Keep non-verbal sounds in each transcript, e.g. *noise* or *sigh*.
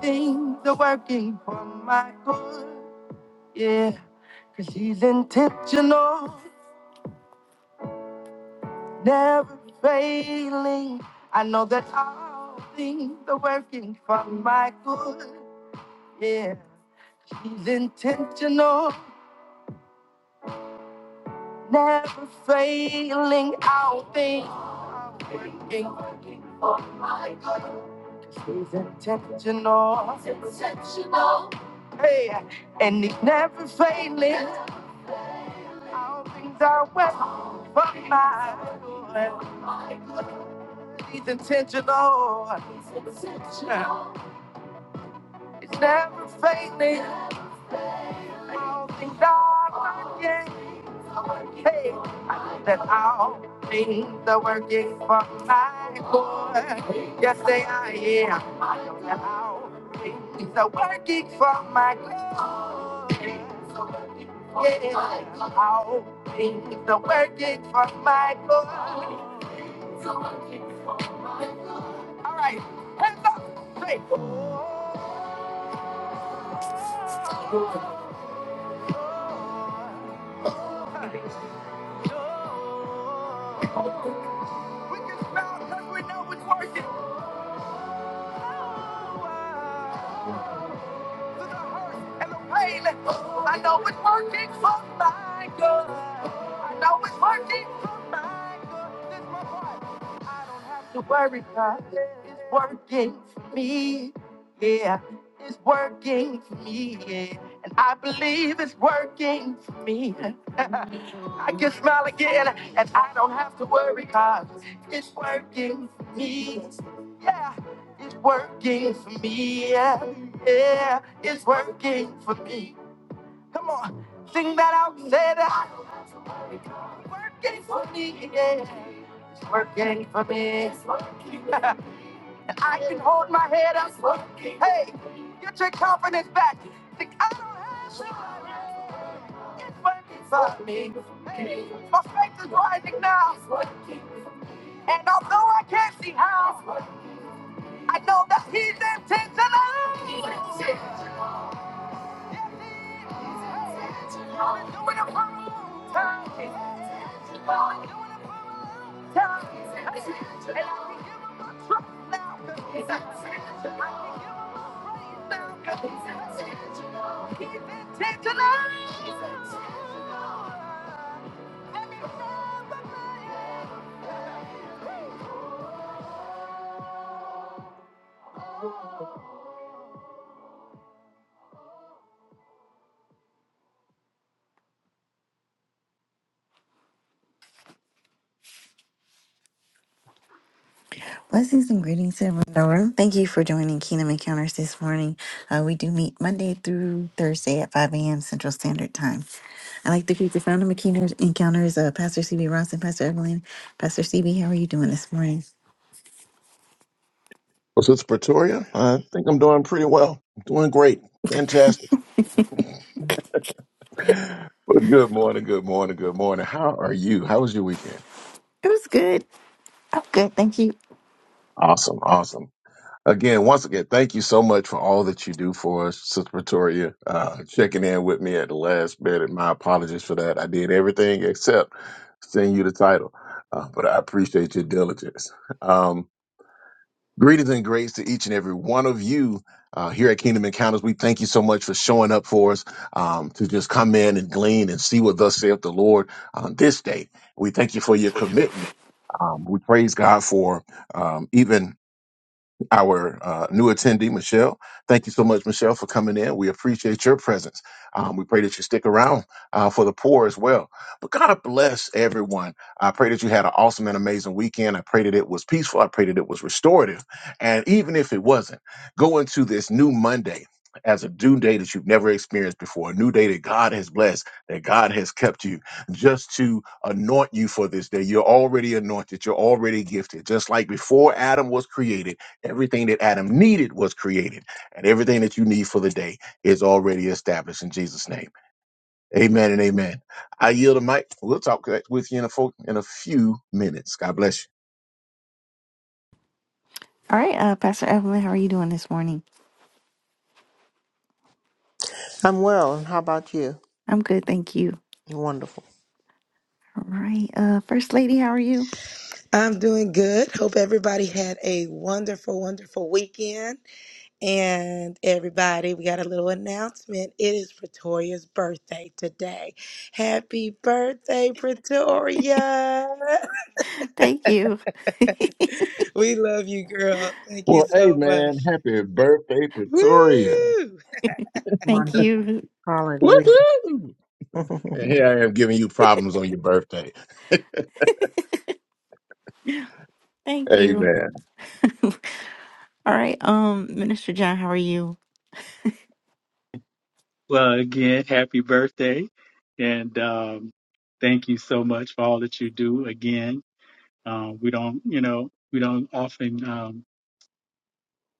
Things are working for my good. Yeah, cause he's intentional, never failing. I know that all things are working for my good. Yeah, he's intentional, never failing. All things working. 'Cause He's intentional, hey, and he's never failing. All things are working for my good. He's intentional. Child. It's never failing. All things are working. Hey, I know that all things are working for my good. Yes, they are. Yeah, I know that all things are working for my good. Yeah, all things are working for my good. All right, hands up, straight. We can smile because we know it's working. Oh, wow through the hurt and the pain. I know it's working for my good. I know it's working for my good. This is my part. I don't have to worry about it. It's working for me. Yeah, it's working for me. Yeah, and I believe it's working for me. *laughs* I can smile again, and I don't have to worry because it's working for me. Yeah, it's working for me. Yeah. Yeah, it's working for me. Come on, sing that out. Say that it's working for me. Yeah, it's working for me. It's working. *laughs* I can hold my head up. It's working. Hey, get your confidence back. Think I don't have to. It's working for me. Hey, my faith is rising now. It's working. And although I can't see how, I know that he's intentional. Intentional. Blessings and greetings to everyone in the room. Thank you for joining Kingdom Encounters this morning. Uh, we do meet Monday through Thursday at 5 a.m. Central Standard Time. I'd like to greet the founder of Kingdom Encounters, uh, Pastor CB Ross and Pastor Evelyn. Pastor CB, how are you doing this morning? It was good. I'm good. Thank you. All right, uh, Pastor Evelyn, how are you doing this morning? I'm well, and how about you? I'm good. Thank you. Wonderful. All right, uh, First Lady, how are you? I'm doing good. Hope everybody had a wonderful, wonderful weekend. And everybody, we got a little announcement. It is Pretoria's birthday today. Happy birthday, Pretoria. *laughs* Thank you. We love you, girl. Thank you so much. Woo! *laughs* Thank Wonderful. you. Hallelujah. Thank you. *laughs* all right. Um, Minister John, how are you? Well, again, happy birthday. And um, thank you so much for all that you do. Again, um, we don't, you know, we don't often um,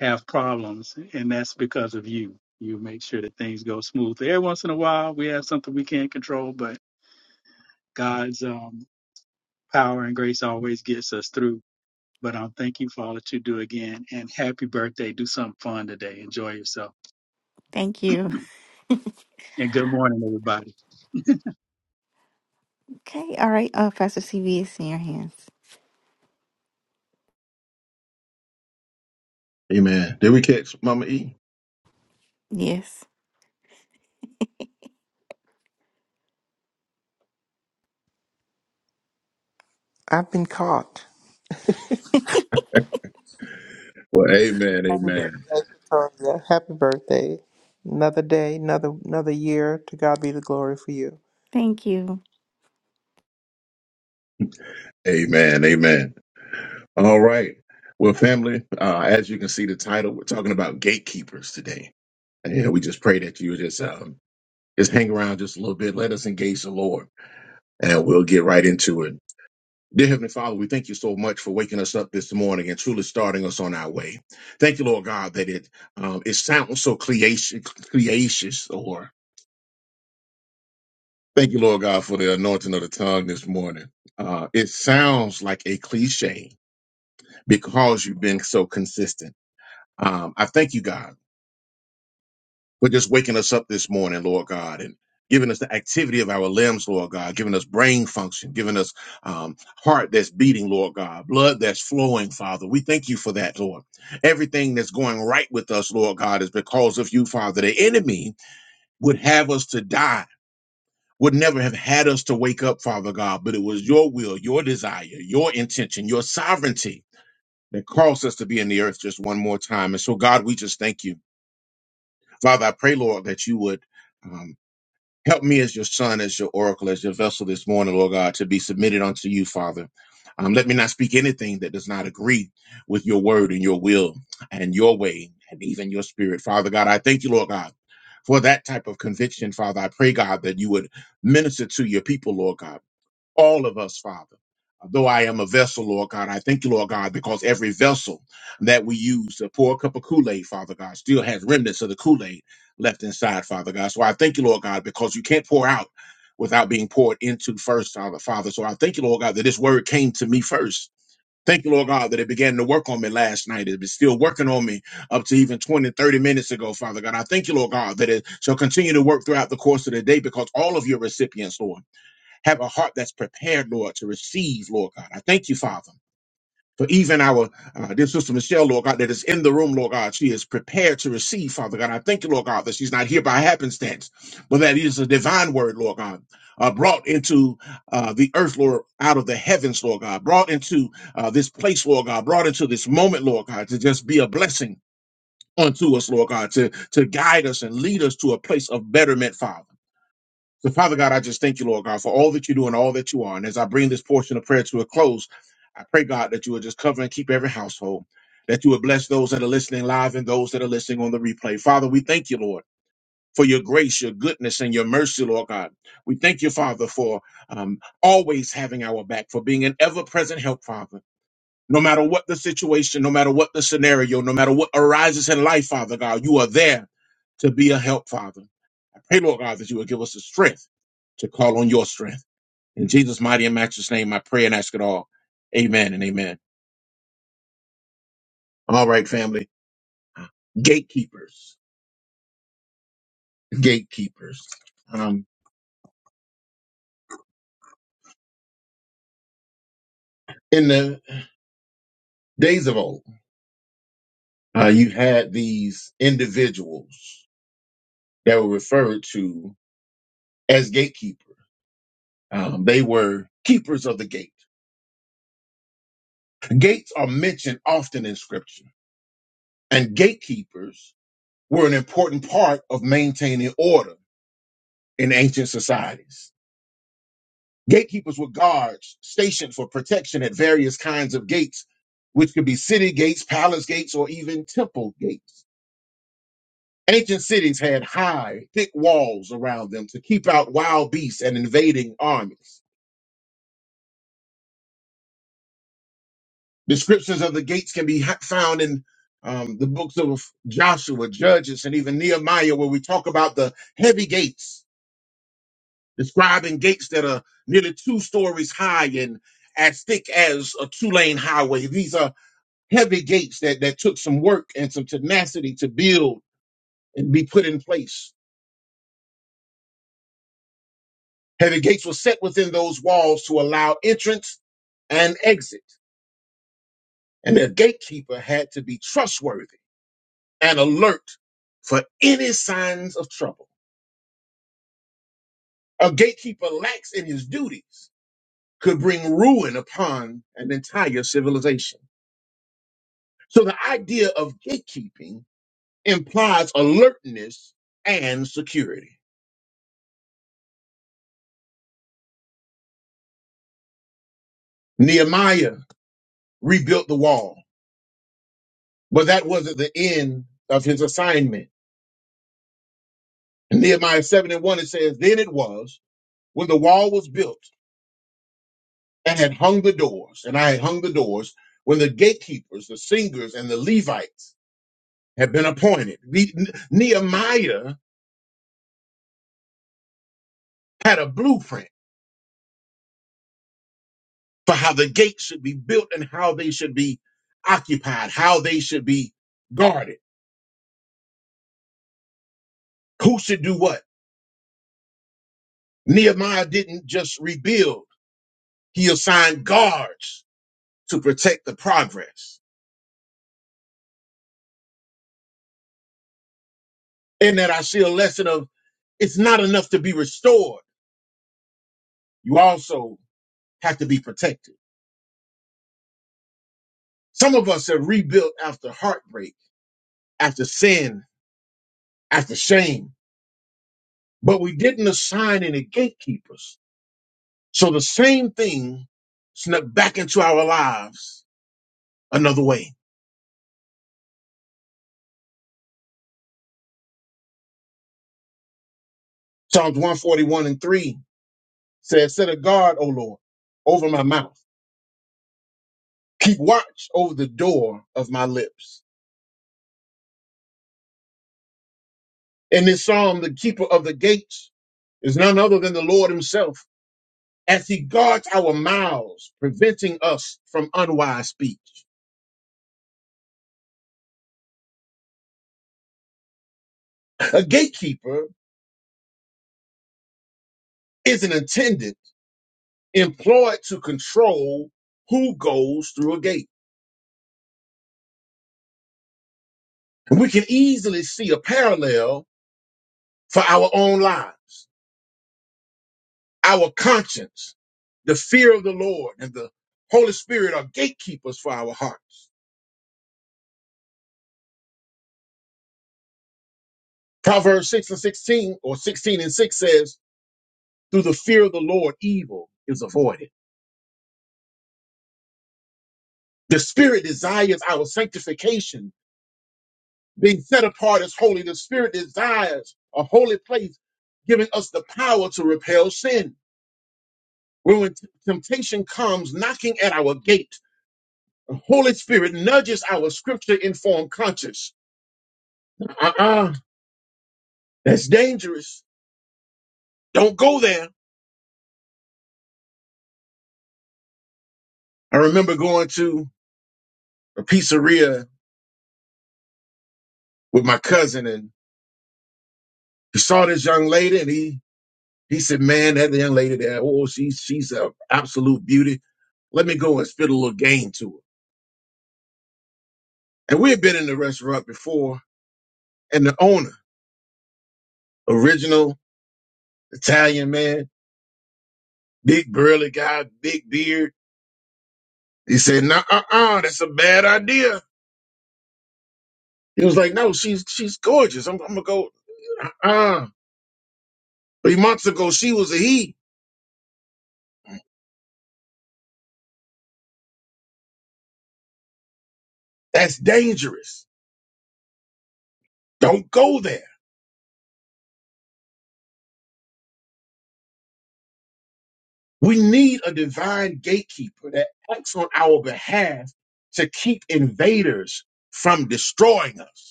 have problems, and that's because of you. You make sure that things go smooth. Every once in a while, we have something we can't control, but God's um, power and grace always gets us through. But um, thank you for all that you do again, and happy birthday. Do something fun today. Enjoy yourself. Thank you. And good morning, everybody. Okay. All right. Uh, Pastor CV is in your hands. Yes. *laughs* I've been caught. Happy birthday, Victoria. Happy birthday. Another day, another another year. To God be the glory for you. Thank you.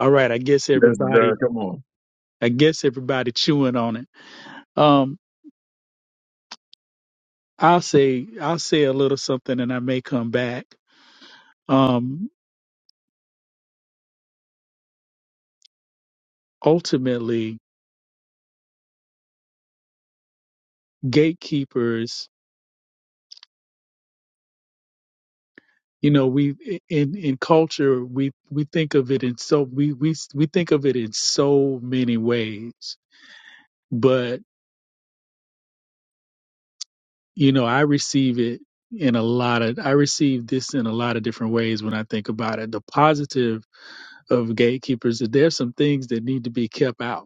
All right, I guess everybody, I guess everybody chewing on it. Um, I'll say I'll say a little something, and I may come back. Um, ultimately, gatekeepers. You know, we in in culture we we think of it in so we we we think of it in so many ways. But you know, I receive it in a lot of I receive this in a lot of different ways when I think about it. The positive of gatekeepers is there's some things that need to be kept out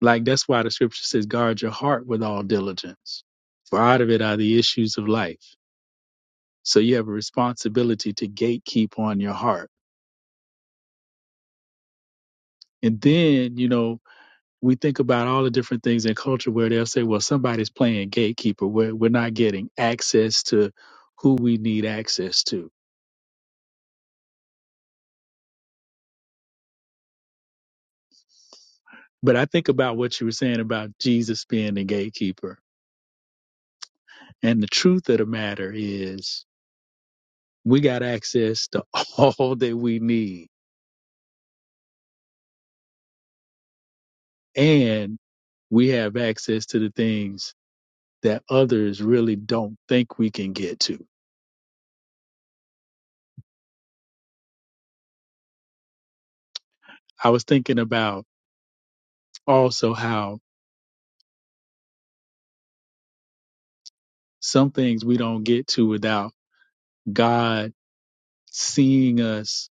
Like that's why the scripture says, guard your heart with all diligence, for out of it are the issues of life. So you have a responsibility to gatekeep on your heart. And then, you know, we think about all the different things in culture where they'll say, well, somebody's playing gatekeeper. We're, we're not getting access to who we need access to. But I think about what you were saying about Jesus being the gatekeeper. And the truth of the matter is, we got access to *laughs* all that we need and we have access to the things that others really don't think we can get to. I was thinking about also how some things we don't get to without God seeing us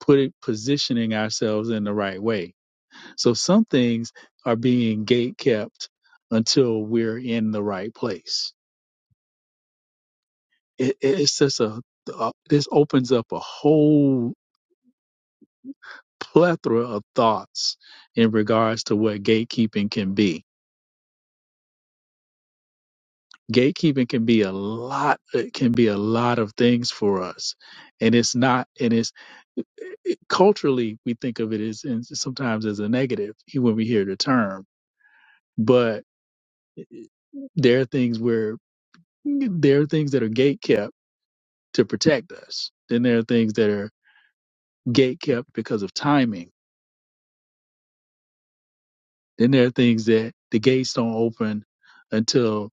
put it positioning ourselves in the right way. So some things are being gate kept until we're in the right place. it- it's just a, a this opens up a whole plethora of thoughts in regards to what gatekeeping can be. Gatekeeping can be a lot it can be a lot of things for us. And it's not and it's it- culturally we think of it as and sometimes as a negative when we hear the term but there are things where there are things that are gatekept to protect us then there are things that are gatekept because of timing then there are things that the gates don't open until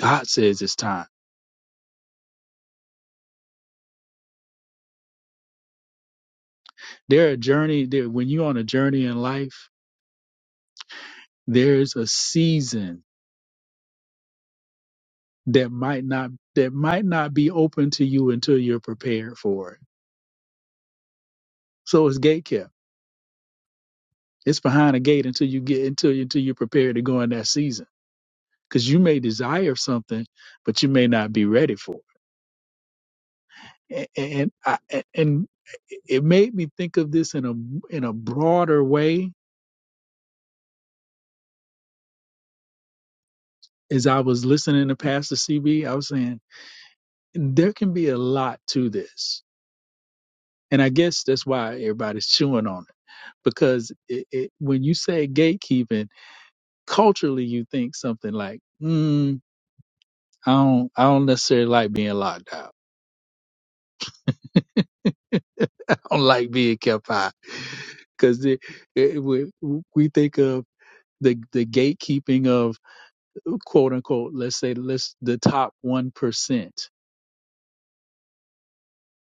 god says it's time There a journey there when you're on a journey in life, there is a season that might not that might not be open to you until you're prepared for it. So it's gate kept. It's behind a gate until you get until until you're prepared to go in that season. Because you may desire something, but you may not be ready for it. And and, I, and it made me think of this in a in a broader way as I was listening to Pastor CB. I was saying there can be a lot to this And I guess that's why everybody's chewing on it because it, it, when you say gatekeeping, culturally you think something like, mm, I don't, I don't necessarily like being locked out. *laughs* I don't like being kept out because it, it, we, we think of the the gatekeeping of quote unquote, let's say let's the top one percent.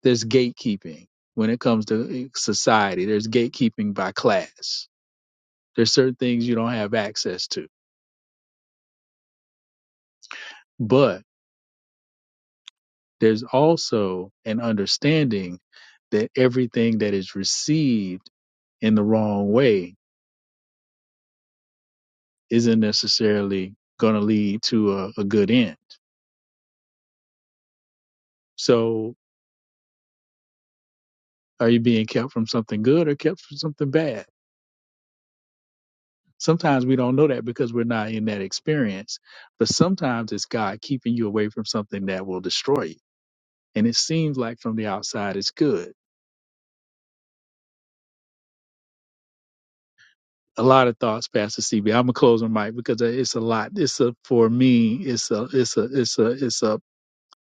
There's gatekeeping when it comes to eh, society. There's gatekeeping by class. There's certain things you don't have access to, but there's also an understanding that everything that is received in the wrong way isn't necessarily going to lead to a, a good end. So, are you being kept from something good or kept from something bad? Sometimes we don't know that because we're not in that experience. But sometimes it's God keeping you away from something that will destroy you. And it seems like from the outside it's good. A lot of thoughts, Pastor CB. I'm gonna close my mic because it's a lot. It's a for me. It's a it's a it's a it's a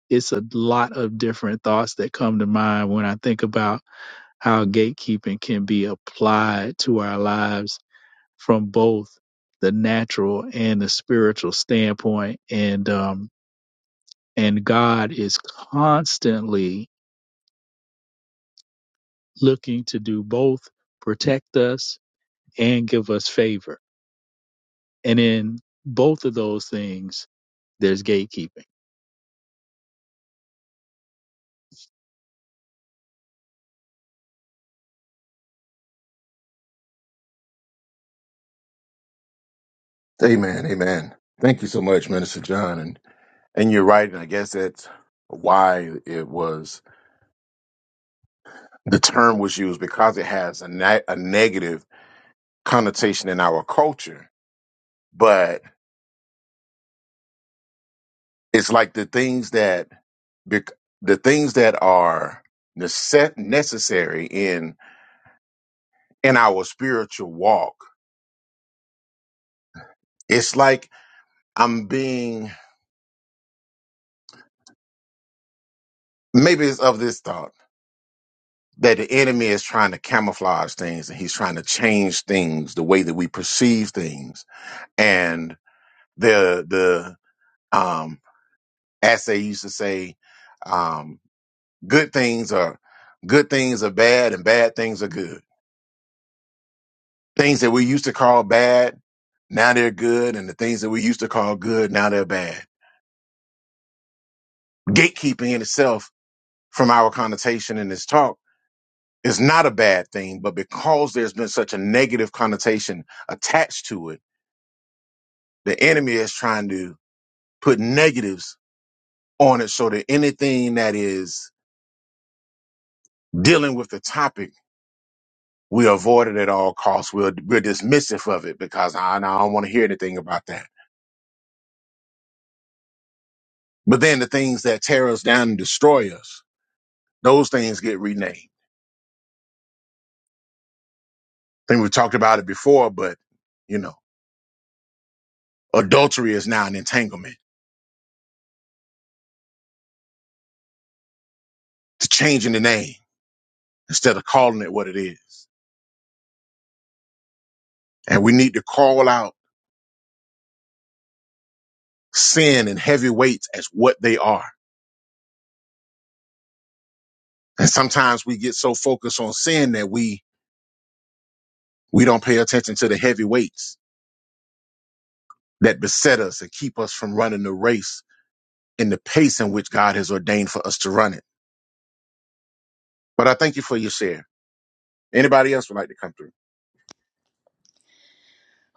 it's a lot of different thoughts that come to mind when I think about how gatekeeping can be applied to our lives from both the natural and the spiritual standpoint. And um, and God is constantly looking to do both protect us and give us favor. And in both of those things, there's gatekeeping.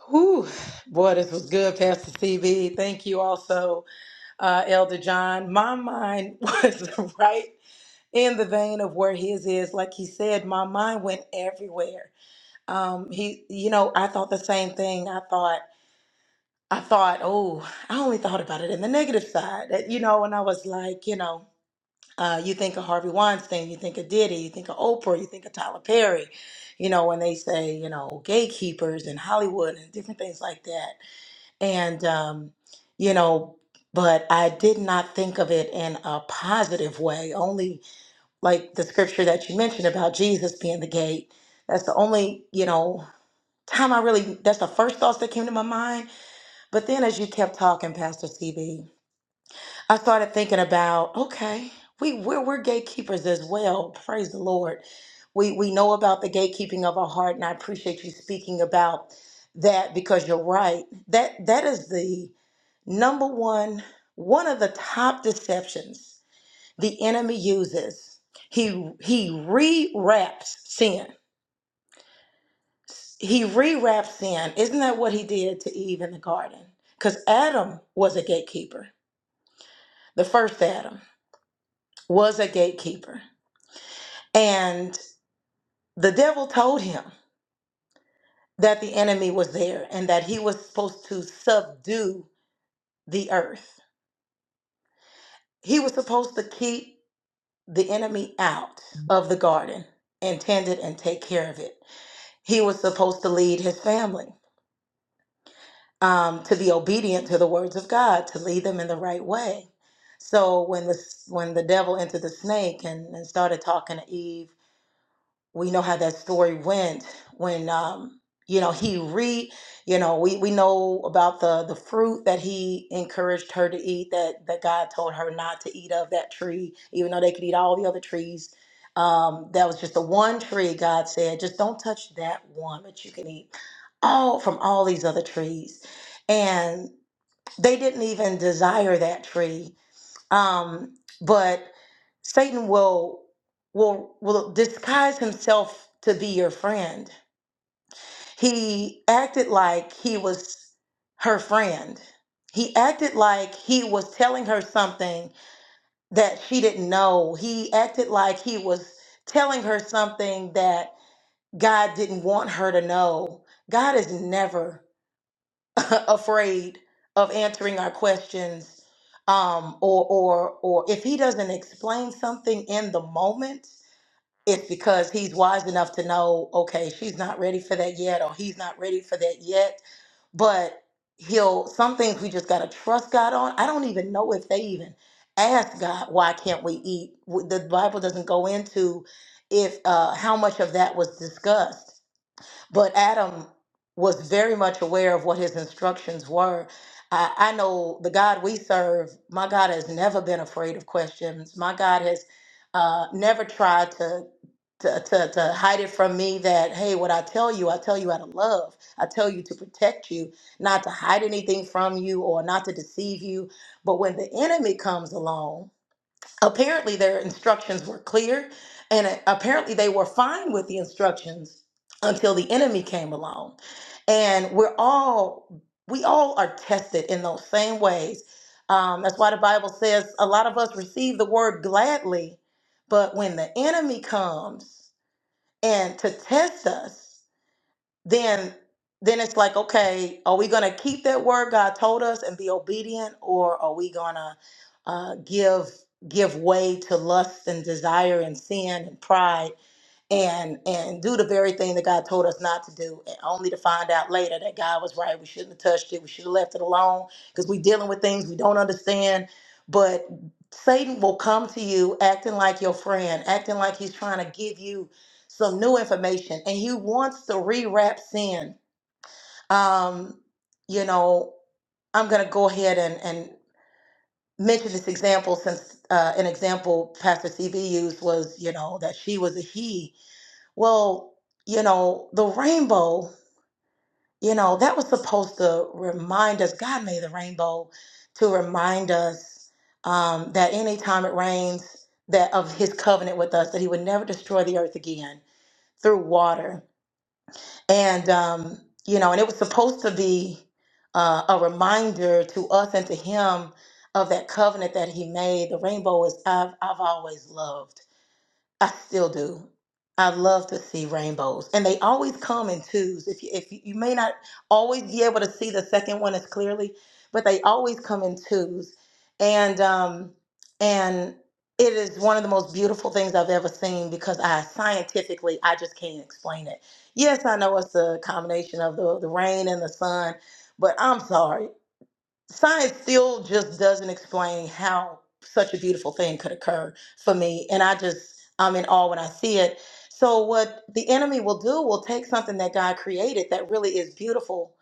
Whew. Boy, this was good, Pastor CB. Thank you also, uh, Elder John. My mind *laughs* was right in the vein of where his is. Like he said, my mind went everywhere Um, he, you know, I thought the same thing. I thought, I thought, oh, I only thought about it in the negative side, that, you know, and I was like, you know, uh, you think of Harvey Weinstein, you think of Diddy, you think of Oprah, you think of Tyler Perry, you know, when they say, you know, gatekeepers in Hollywood and different things like that. And, um, you know, but I did not think of it in a positive way, only like the scripture that you mentioned about Jesus being the gate. That's the only, you know, time I really, that's the first thoughts that came to my mind. But then as you kept talking, Pastor CB, I started thinking about, okay, we, we're, we're gatekeepers as well. Praise the Lord. We, we know about the gatekeeping of our heart, and I appreciate you speaking about that because you're right. That That is the number one, one of the top deceptions the enemy uses. He, he rewraps sin he rewraps sin. Isn't that what he did to Eve in the garden? Because Adam was a gatekeeper. The first Adam was a gatekeeper. And the devil told him that the enemy was there and that he was supposed to subdue the earth. He was supposed to keep the enemy out of the garden and tend it and take care of it. He was supposed to lead his family. um, to be obedient to the words of God, to lead them in the right way. So when the when the devil entered the snake and, and started talking to Eve we know how that story went when um you know he re you know we we know about the the fruit that he encouraged her to eat that that god told her not to eat of that tree even though they could eat all the other trees um that was just the one tree god said just don't touch that one but you can eat all from all these other trees and they didn't even desire that tree um, but Satan will will will disguise himself to be your friend. He acted like he was her friend. He acted like he was telling her something that she didn't know. He acted like he was telling her something that God didn't want her to know. God is never *laughs* afraid of answering our questions um or or or if he doesn't explain something in the moment it's because he's wise enough to know okay she's not ready for that yet or he's not ready for that yet but he'll some things we just got to trust god on i don't even know if they even asked me to if but um, was his her I, the god we're my been afraid of him my has uh never tried to to, to, to hide it from me that, hey, what I tell you, I tell you out of love. I tell you to protect you, not to hide anything from you or not to deceive you. But when the enemy comes along, apparently their instructions were clear and uh, apparently they were fine with the instructions until the enemy came along. And we're all, we all are tested in those same ways. Um, that's why the Bible says a lot of us receive the word gladly, but when the enemy comes, and to then then it's like okay are we gonna keep that word god told us and be obedient or are we gonna uh, give give way to lust and desire and sin and pride and and do the very thing that God told us not to do, and only to find out later that God was right. We shouldn't have touched it. We should have left it alone because we're dealing with things we don't understand. But Satan will come to you acting like your friend, acting like he's trying to give you some new information, and he wants to rewrap sin. Um, you know, I'm gonna go ahead and and mention this example since uh, an example Pastor CB used was, you know, that she was a he well, you know, the rainbow, you know, that was supposed to remind us, God made the rainbow to remind us um, that anytime it rains, that of his covenant with us, that he would never destroy the earth again through water. And, um, you know, and it was supposed to be uh, a reminder to us and to him of that covenant that he made. The rainbow is, I've, I've always loved. I still do. I love to see rainbows, and they always come in twos. If you, if you, you may not always be able to see the second one as clearly, but they always come in twos, and um, and it is one of the most beautiful things I've ever seen because I scientifically I just can't explain it. Yes, I know it's a combination of the, the rain and the sun, but I'm sorry science still just doesn't explain how such a beautiful thing could occur for me and i just i'm in awe when i see it so what the enemy will do will take something that god created that really is beautiful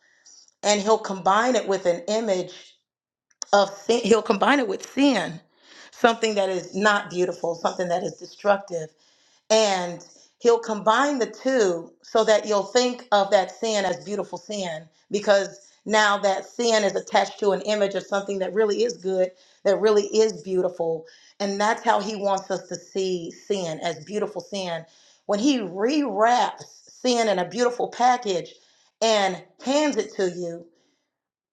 and he'll combine it with an image of sin he'll combine it with sin something that is not beautiful something that is destructive and he'll combine the two so that you'll think of that sin as beautiful sin because now that sin is attached to an image of something that really is good that really is beautiful and that's how he wants us to see sin as beautiful sin when he rewraps sin in a beautiful package and hands it to you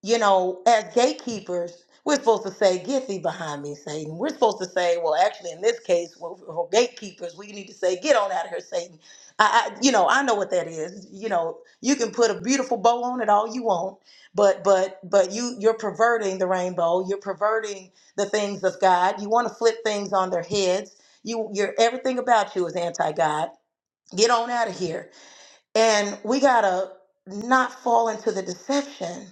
you know, as gatekeepers, we're supposed to say, Get thee behind me, Satan. We're supposed to say, Well, actually, in this case, well, for gatekeepers, we need to say, Get on out of here, Satan. I, I, you know, I know what that is. You know, you can put a beautiful bow on it all you want, but, but, but you, you're perverting the rainbow. You're perverting the things of God. You want to flip things on their heads. You, you're everything about you is anti-God. Get on out of here and we got to not fall into the deception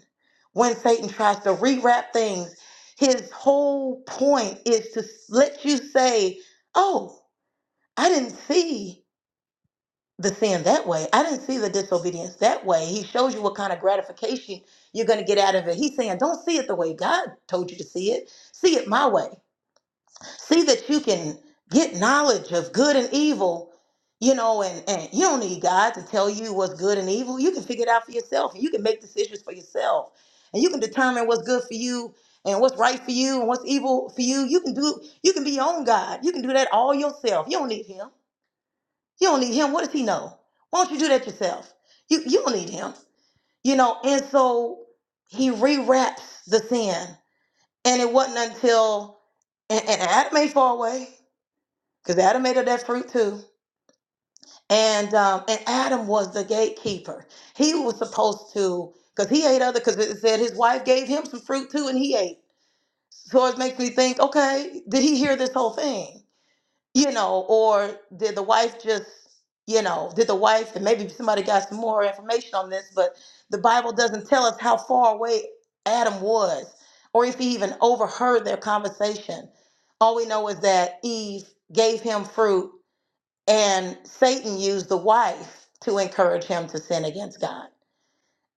when Satan tries to rewrap things. His whole point is to let you say, Oh, I didn't see the sin that way. I didn't see the disobedience that way. He shows you what kind of gratification you're going to get out of it. He's saying, Don't see it the way God told you to see it, see it my way see that you can get knowledge of good and evil you know and, and you don't need god to tell you what's good and evil you can figure it out for yourself and you can make decisions for yourself and you can determine what's good for you and what's right for you and what's evil for you you can do you can be your own god you can do that all yourself you don't need him you don't need him what does he know why don't you do that yourself you, you don't need him you know and so he rewraps the sin and it wasn't until and, and Adam ain't far away because Adam ate of that fruit too. And um, and Adam was the gatekeeper. He was supposed to, because he ate other, because it said his wife gave him some fruit too, and he ate. So it makes me think, okay, did he hear this whole thing? You know, or did the wife just, you know, did the wife, and maybe somebody got some more information on this, but the Bible doesn't tell us how far away Adam was, or if he even overheard their conversation. All we know is that Eve gave him fruit and Satan used the wife to encourage him to sin against God.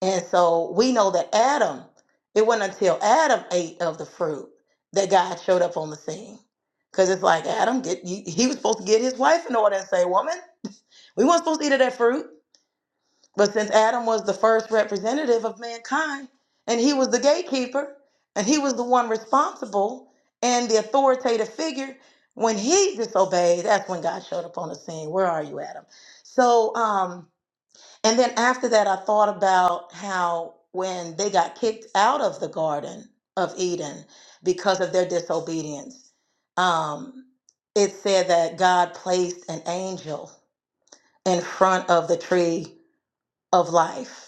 And so we know that Adam, it wasn't until Adam ate of the fruit that God showed up on the scene. Because it's like Adam, get you, he was supposed to get his wife in order and say, "Woman, we weren't supposed to eat of that fruit." But since Adam was the first representative of mankind, and he was the gatekeeper, and he was the one responsible and the authoritative figure, when he disobeyed, that's when God showed up on the scene. Where are you, Adam? So, um, and then after that, I thought about how when they got kicked out of the Garden of Eden because of their disobedience, um, it said that God placed an angel in front of the tree of life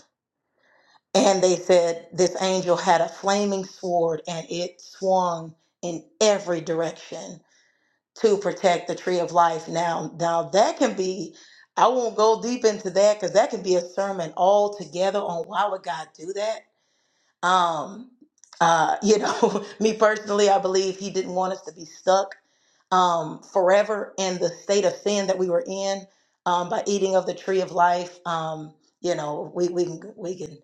and they said this angel had a flaming sword and it swung in every direction to protect the tree of life. Now, now that can be, I won't go deep into that because that can be a sermon all together on why would God do that. Um, uh, you know, *laughs* me personally, I believe he didn't want us to be stuck um, forever in the state of sin that we were in um, by eating of the tree of life. Um, you know, we, we can we can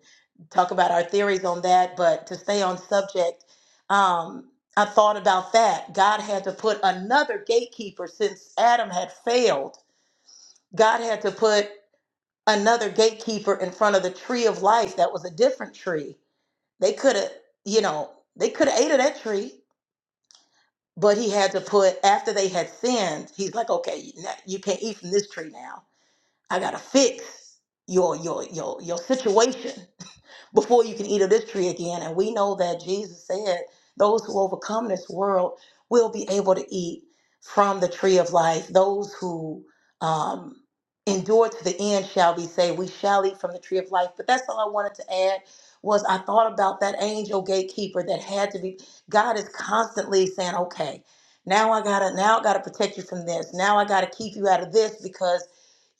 talk about our theories on that, but to stay on subject, um, I thought about that. God had to put another gatekeeper since Adam had failed. God had to put another gatekeeper in front of the tree of life that was a different tree. They could have, you know, they could have ate of that tree but he had to put, after they had sinned, he's like, okay, you now- you can't eat from this tree now. I got to fix your, your, your, your situation before you can eat of this tree again. And we know that Jesus said, Those who overcome this world will be able to eat from the tree of life. Those who um, endure to the end shall be saved. We shall eat from the tree of life. But that's all I wanted to add was I thought about that angel gatekeeper that had to be. God is constantly saying, Okay, now I gotta now I gotta protect you from this. Now I gotta keep you out of this because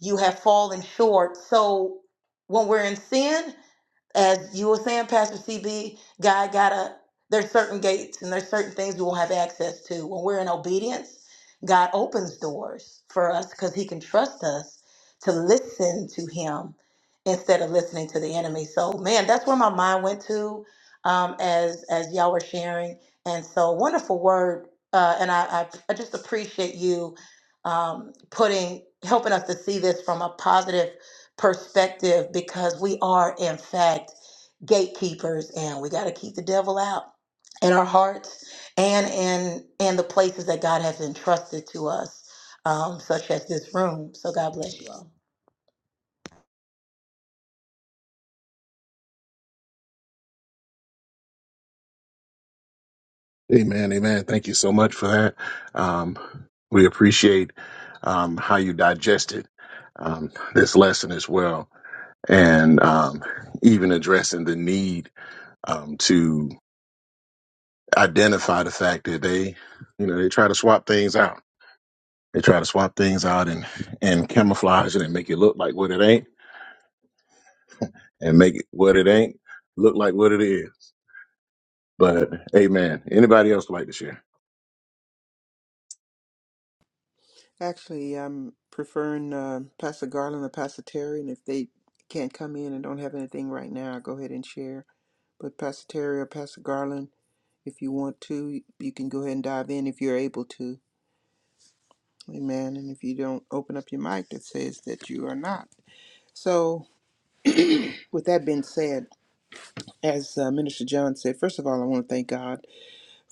you have fallen short. So when we're in sin, as you were saying, Pastor CB, God gotta. There's certain gates and there's certain things we won't have access to. When we're in obedience, God opens doors for us because He can trust us to listen to Him instead of listening to the enemy. So, man, that's where my mind went to um, as as y'all were sharing. And so, wonderful word. Uh, and I, I I just appreciate you um, putting helping us to see this from a positive perspective because we are, in fact, gatekeepers and we got to keep the devil out in our hearts and in and the places that God has entrusted to us, um, such as this room. So God bless you all. Actually, I'm preferring uh, Pastor Garland or Pastor Terry, and if they can't come in and don't have anything right now, go ahead and share. But Pastor Terry or Pastor Garland, if you want to, you can go ahead and dive in if you're able to. Amen. And if you don't open up your mic, that says that you are not. So, with that being said, as uh, Minister John said, first of all, I want to thank God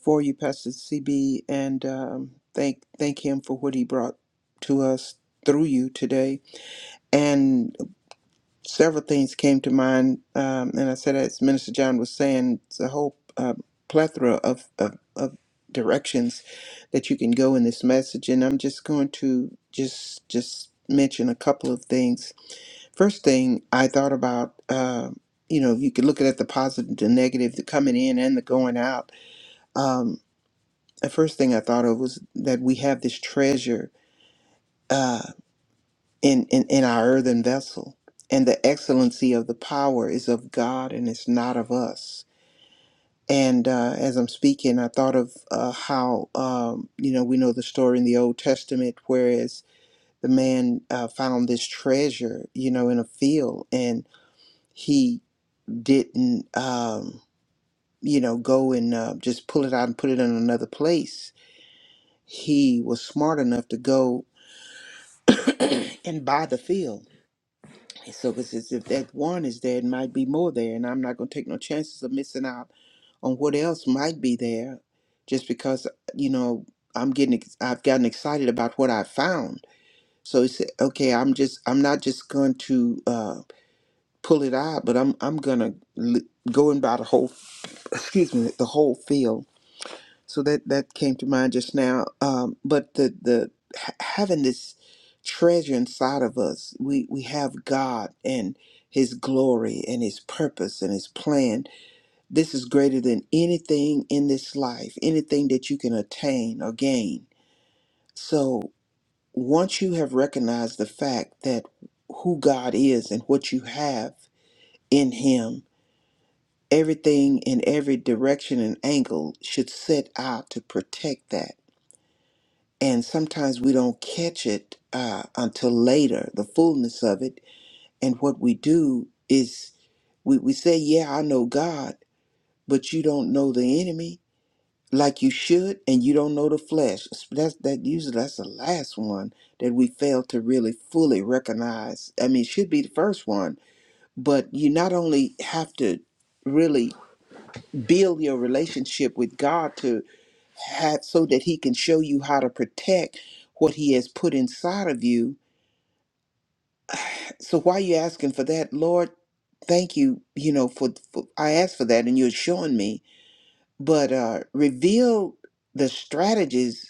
for you, Pastor CB, and um, thank thank Him for what He brought to us through you today. And several things came to mind, um, and I said, as Minister John was saying, it's a whole uh, plethora of, of of directions that you can go in this message, and I'm just going to just just mention a couple of things First thing I thought about, um, you know, you could look at the positive, the negative, the coming in and the going out. Um, the first thing I thought of was that we have this treasure uh, in, in in our earthen vessel, and the excellency of the power is of God and it's not of us. And uh, as I'm speaking, I thought of uh, how um, you know we know the story in the Old Testament, whereas the man uh, found this treasure, you know, in a field, and he didn't um, you know go and uh, just pull it out and put it in another place he was smart enough to go *clears throat* and buy the field so because if that one is there it might be more there and i'm not going to take no chances of missing out on what else might be there just because you know i'm getting ex- i've gotten excited about what i found so he said okay i'm just i'm not just going to uh, pull it out but i'm i'm going to l- go and buy the whole *laughs* *sniffs* excuse me the whole field so that that came to mind just now um but the the ha- having this treasure inside of us we we have god and his glory and his purpose and his plan this is greater than anything in this life anything that you can attain or gain so once you have recognized the fact that who god is and what you have in him everything in every direction and angle should set out to protect that and sometimes we don't catch it uh, until later, the fullness of it. And what we do is we, we say, Yeah, I know God, but you don't know the enemy like you should, and you don't know the flesh. That's that usually that's the last one that we fail to really fully recognize. I mean, it should be the first one, but you not only have to really build your relationship with God to have so that he can show you how to protect what he has put inside of you So while you asking for that, Lord, thank you, you know, for, for I asked for that and you're showing me, but uh reveal the strategies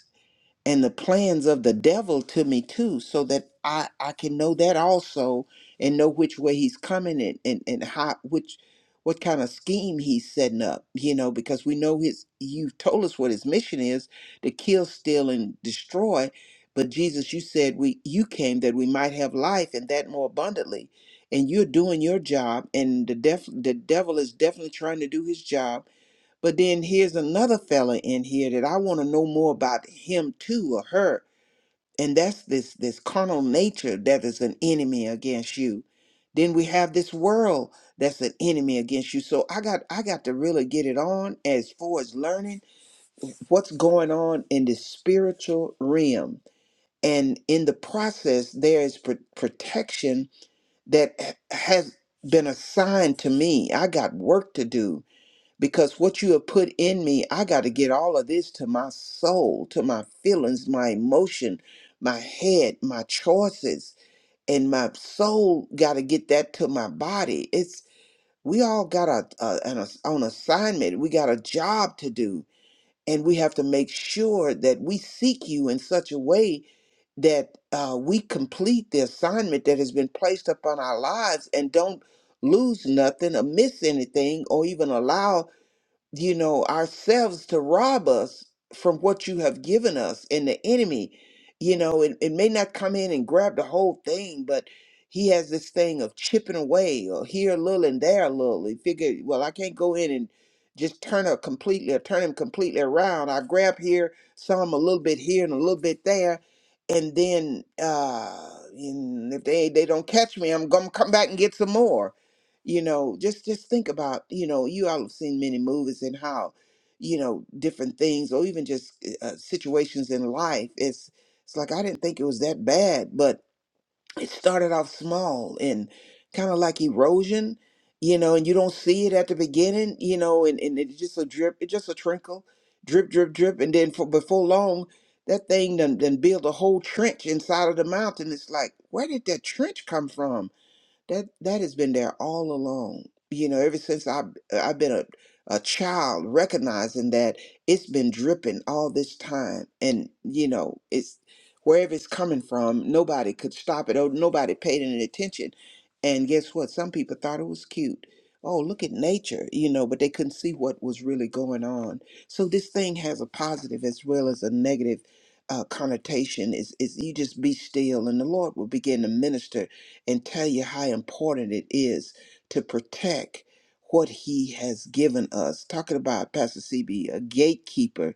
and the plans of the devil to me too so that i i can know that also and know which way he's coming and and, and how which what kind of scheme he's setting up you know because we know his you've told us what his mission is to kill steal and destroy but jesus you said we you came that we might have life and that more abundantly and you're doing your job and the def, the devil is definitely trying to do his job but then here's another fella in here that I want to know more about him too or her. And that's this this carnal nature that is an enemy against you. Then we have this world that's an enemy against you. So I got I got to really get it on as far as learning what's going on in the spiritual realm. And in the process, there is pr- protection that h- has been assigned to me. I got work to do because what you have put in me, I got to get all of this to my soul, to my feelings, my emotion, my head, my choices, and my soul got to get that to my body. It's we all got a, a an ass- on assignment. We got a job to do, and we have to make sure that we seek you in such a way that uh, we complete the assignment that has been placed upon our lives and don't lose nothing or miss anything or even allow you know, ourselves to rob us from what you have given us and the enemy. You know, it, it may not come in and grab the whole thing, but he has this thing of chipping away or here a little and there a little. He figure, well, I can't go in and just turn her completely or turn him completely around. I grab here, some a little bit here and a little bit there. And then uh, and if they, they don't catch me, I'm going to come back and get some more you know just just think about you know you all have seen many movies and how you know different things or even just uh, uh, situations in life it's it's like i didn't think it was that bad but it started off small and kind of like erosion you know and you don't see it at the beginning you know and, and it's just a drip it's just a trinkle, drip drip drip and then for before long that thing done, done build a whole trench inside of the mountain it's like where did that trench come from that that has been there all along. You know, ever since I I've I've been a, a child, recognizing that it's been dripping all this time, and you know, it's wherever it's coming from. Nobody could stop it. Oh, nobody paid any attention. And guess what? Some people thought it was cute. Oh, look at nature, you know, but they couldn't see what was really going on. So this thing has a positive as well as a negative uh, connotation. Is is you just be still, and the Lord will begin to minister and tell you how important it is to protect what he has given us. Talking about Pastor CB, a gatekeeper.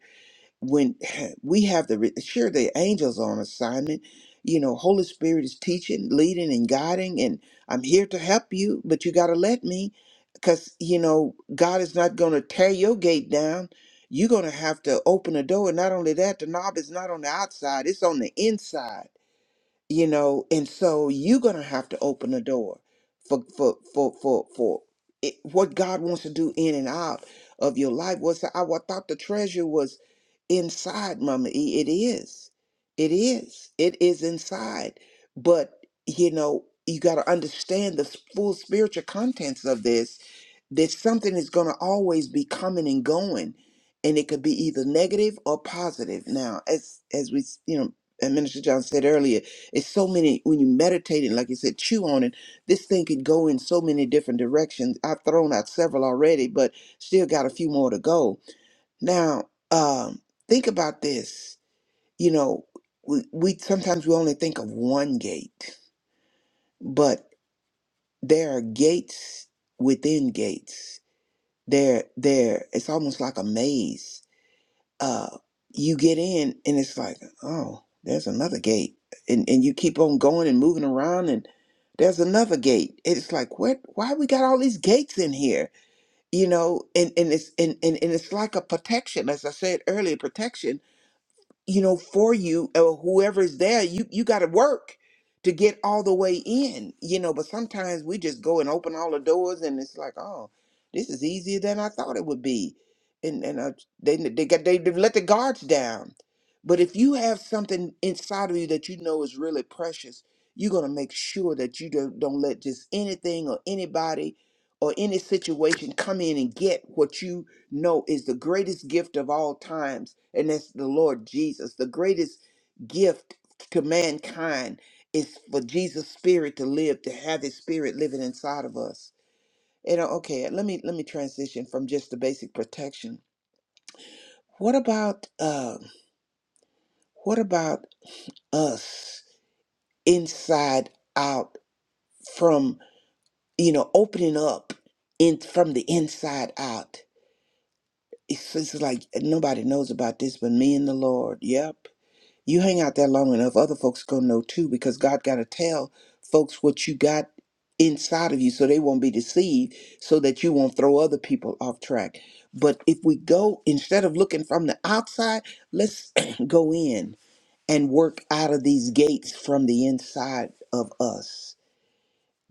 When *laughs* *clears throat* we have the re- sure the angels on assignment, you know, Holy Spirit is teaching, leading, and guiding, and I'm here to help you, but you got to let me, because you know God is not going to tear your gate down. You're going to have to open the door. And not only that, the knob is not on the outside, it's on the inside you know and so you're gonna have to open the door for for for for for it, what god wants to do in and out of your life was i wa- thought the treasure was inside mama E. it is it is it is inside but you know you got to understand the s- full spiritual contents of this that something is going to always be coming and going and it could be either negative or positive now as as we s- you know and minister john said earlier it's so many when you meditate it, like you said, chew on it. This thing could go in so many different directions. I've thrown out several already, but still got a few more to go. Now, um, think about this. You know, we, we sometimes we only think of one gate, but there are gates within gates. There, there. It's almost like a maze uh, you get in and it's like, oh, there's another gate. And, and you keep on going and moving around and there's another gate. It's like, what, why we got all these gates in here? You know, and, and it's, and, and, and it's like a protection, as I said earlier, protection you know, for you or whoever's there, you you got to work to get all the way in, you know. But sometimes we just go and open all the doors, and it's like, oh, this is easier than I thought it would be, and and uh, they they got they, they let the guards down. But if you have something inside of you that you know is really precious, you're gonna make sure that you don't, don't let just anything or anybody or any situation come in and get what you know is the greatest gift of all times, and that's the Lord Jesus. The greatest gift to mankind is for Jesus' spirit to live, to have his spirit living inside of us. And uh, okay, let me let me transition from just the basic protection. What about uh, what about us inside out from you know opening up in from the inside out? It's, it's like nobody knows about this but me and the Lord. Yep You hang out there long enough, other folks gonna know too, because God gotta tell folks what you got inside of you so they won't be deceived, so that you won't throw other people off track. But if we go, instead of looking from the outside, let's *clears throat* go in and work out of these gates from the inside of us.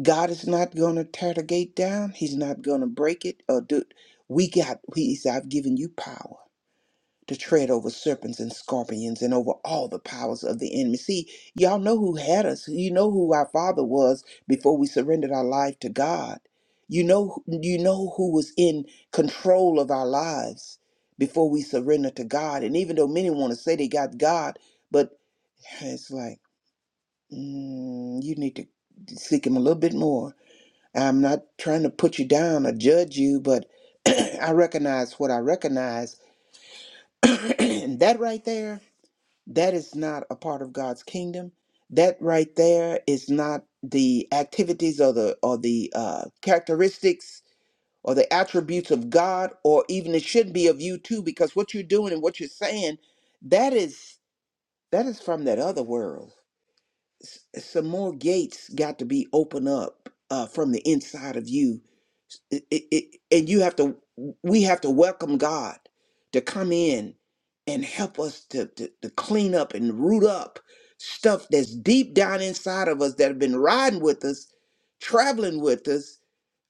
God is not gonna tear the gate down, He's not gonna break it or do we got he's I've given you power to tread over serpents and scorpions and over all the powers of the enemy. See, y'all know who had us. You know who our father was before we surrendered our life to God. You know you know who was in control of our lives before we surrendered to God. And even though many want to say they got God, but it's like mm, you need to seek him a little bit more. I'm not trying to put you down or judge you, but *clears throat* I recognize what I recognize. *clears throat* and that right there that is not a part of God's kingdom. That right there is not the activities or the or the uh, characteristics or the attributes of God, or even it should be of you too, because what you're doing and what you're saying, that is that is from that other world s- some more gates got to be open up uh, from the inside of you it, it, it- and you have to we have to welcome god to come in and help us to, to, to clean up and root up stuff that's deep down inside of us that have been riding with us traveling with us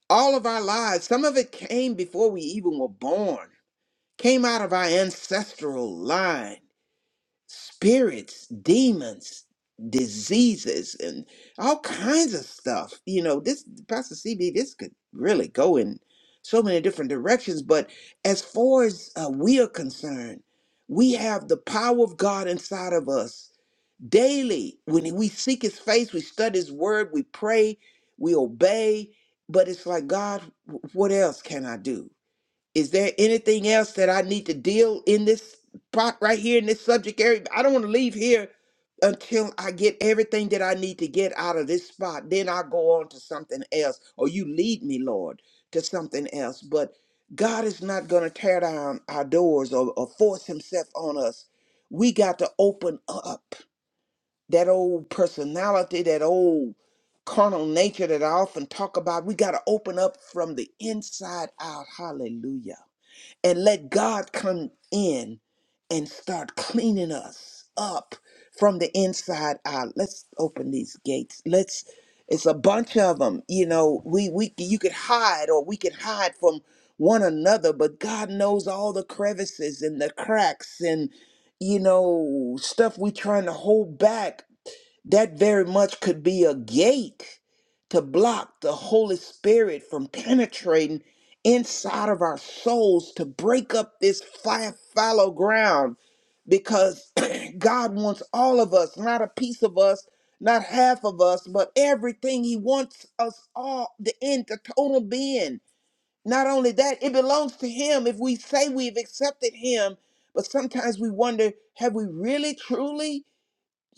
all of our lives some of it came before we even were born came out of our ancestral line spirits, demons, diseases, and all kinds of stuff. You know, this Pastor CB, this could really go in so many different directions. But as far as uh, we are concerned, we have the power of God inside of us daily. When we seek His face, we study His Word, we pray, we obey. But it's like God, wh- what else can I do? Is there anything else that I need to deal in this spot right here in this subject area? I don't want to leave here until I get everything that I need to get out of this spot. Then I go on to something else, or you lead me, Lord, to something else. But God is not going to tear down our doors or, or force Himself on us. We got to open up that old personality, that old carnal nature that I often talk about. We got to open up from the inside out. Hallelujah and let God come in and start cleaning us up from the inside out. Let's open these gates. Let's it's a bunch of them. You know, we we you could hide or we could hide from one another, but God knows all the crevices and the cracks and you know, stuff we trying to hold back that very much could be a gate to block the Holy Spirit from penetrating inside of our souls to break up this fi- fallow ground because *clears throat* God wants all of us, not a piece of us, not half of us, but everything. He wants us all, the end, the total being. Not only that, it belongs to Him if we say we've accepted Him, but sometimes we wonder have we really, truly?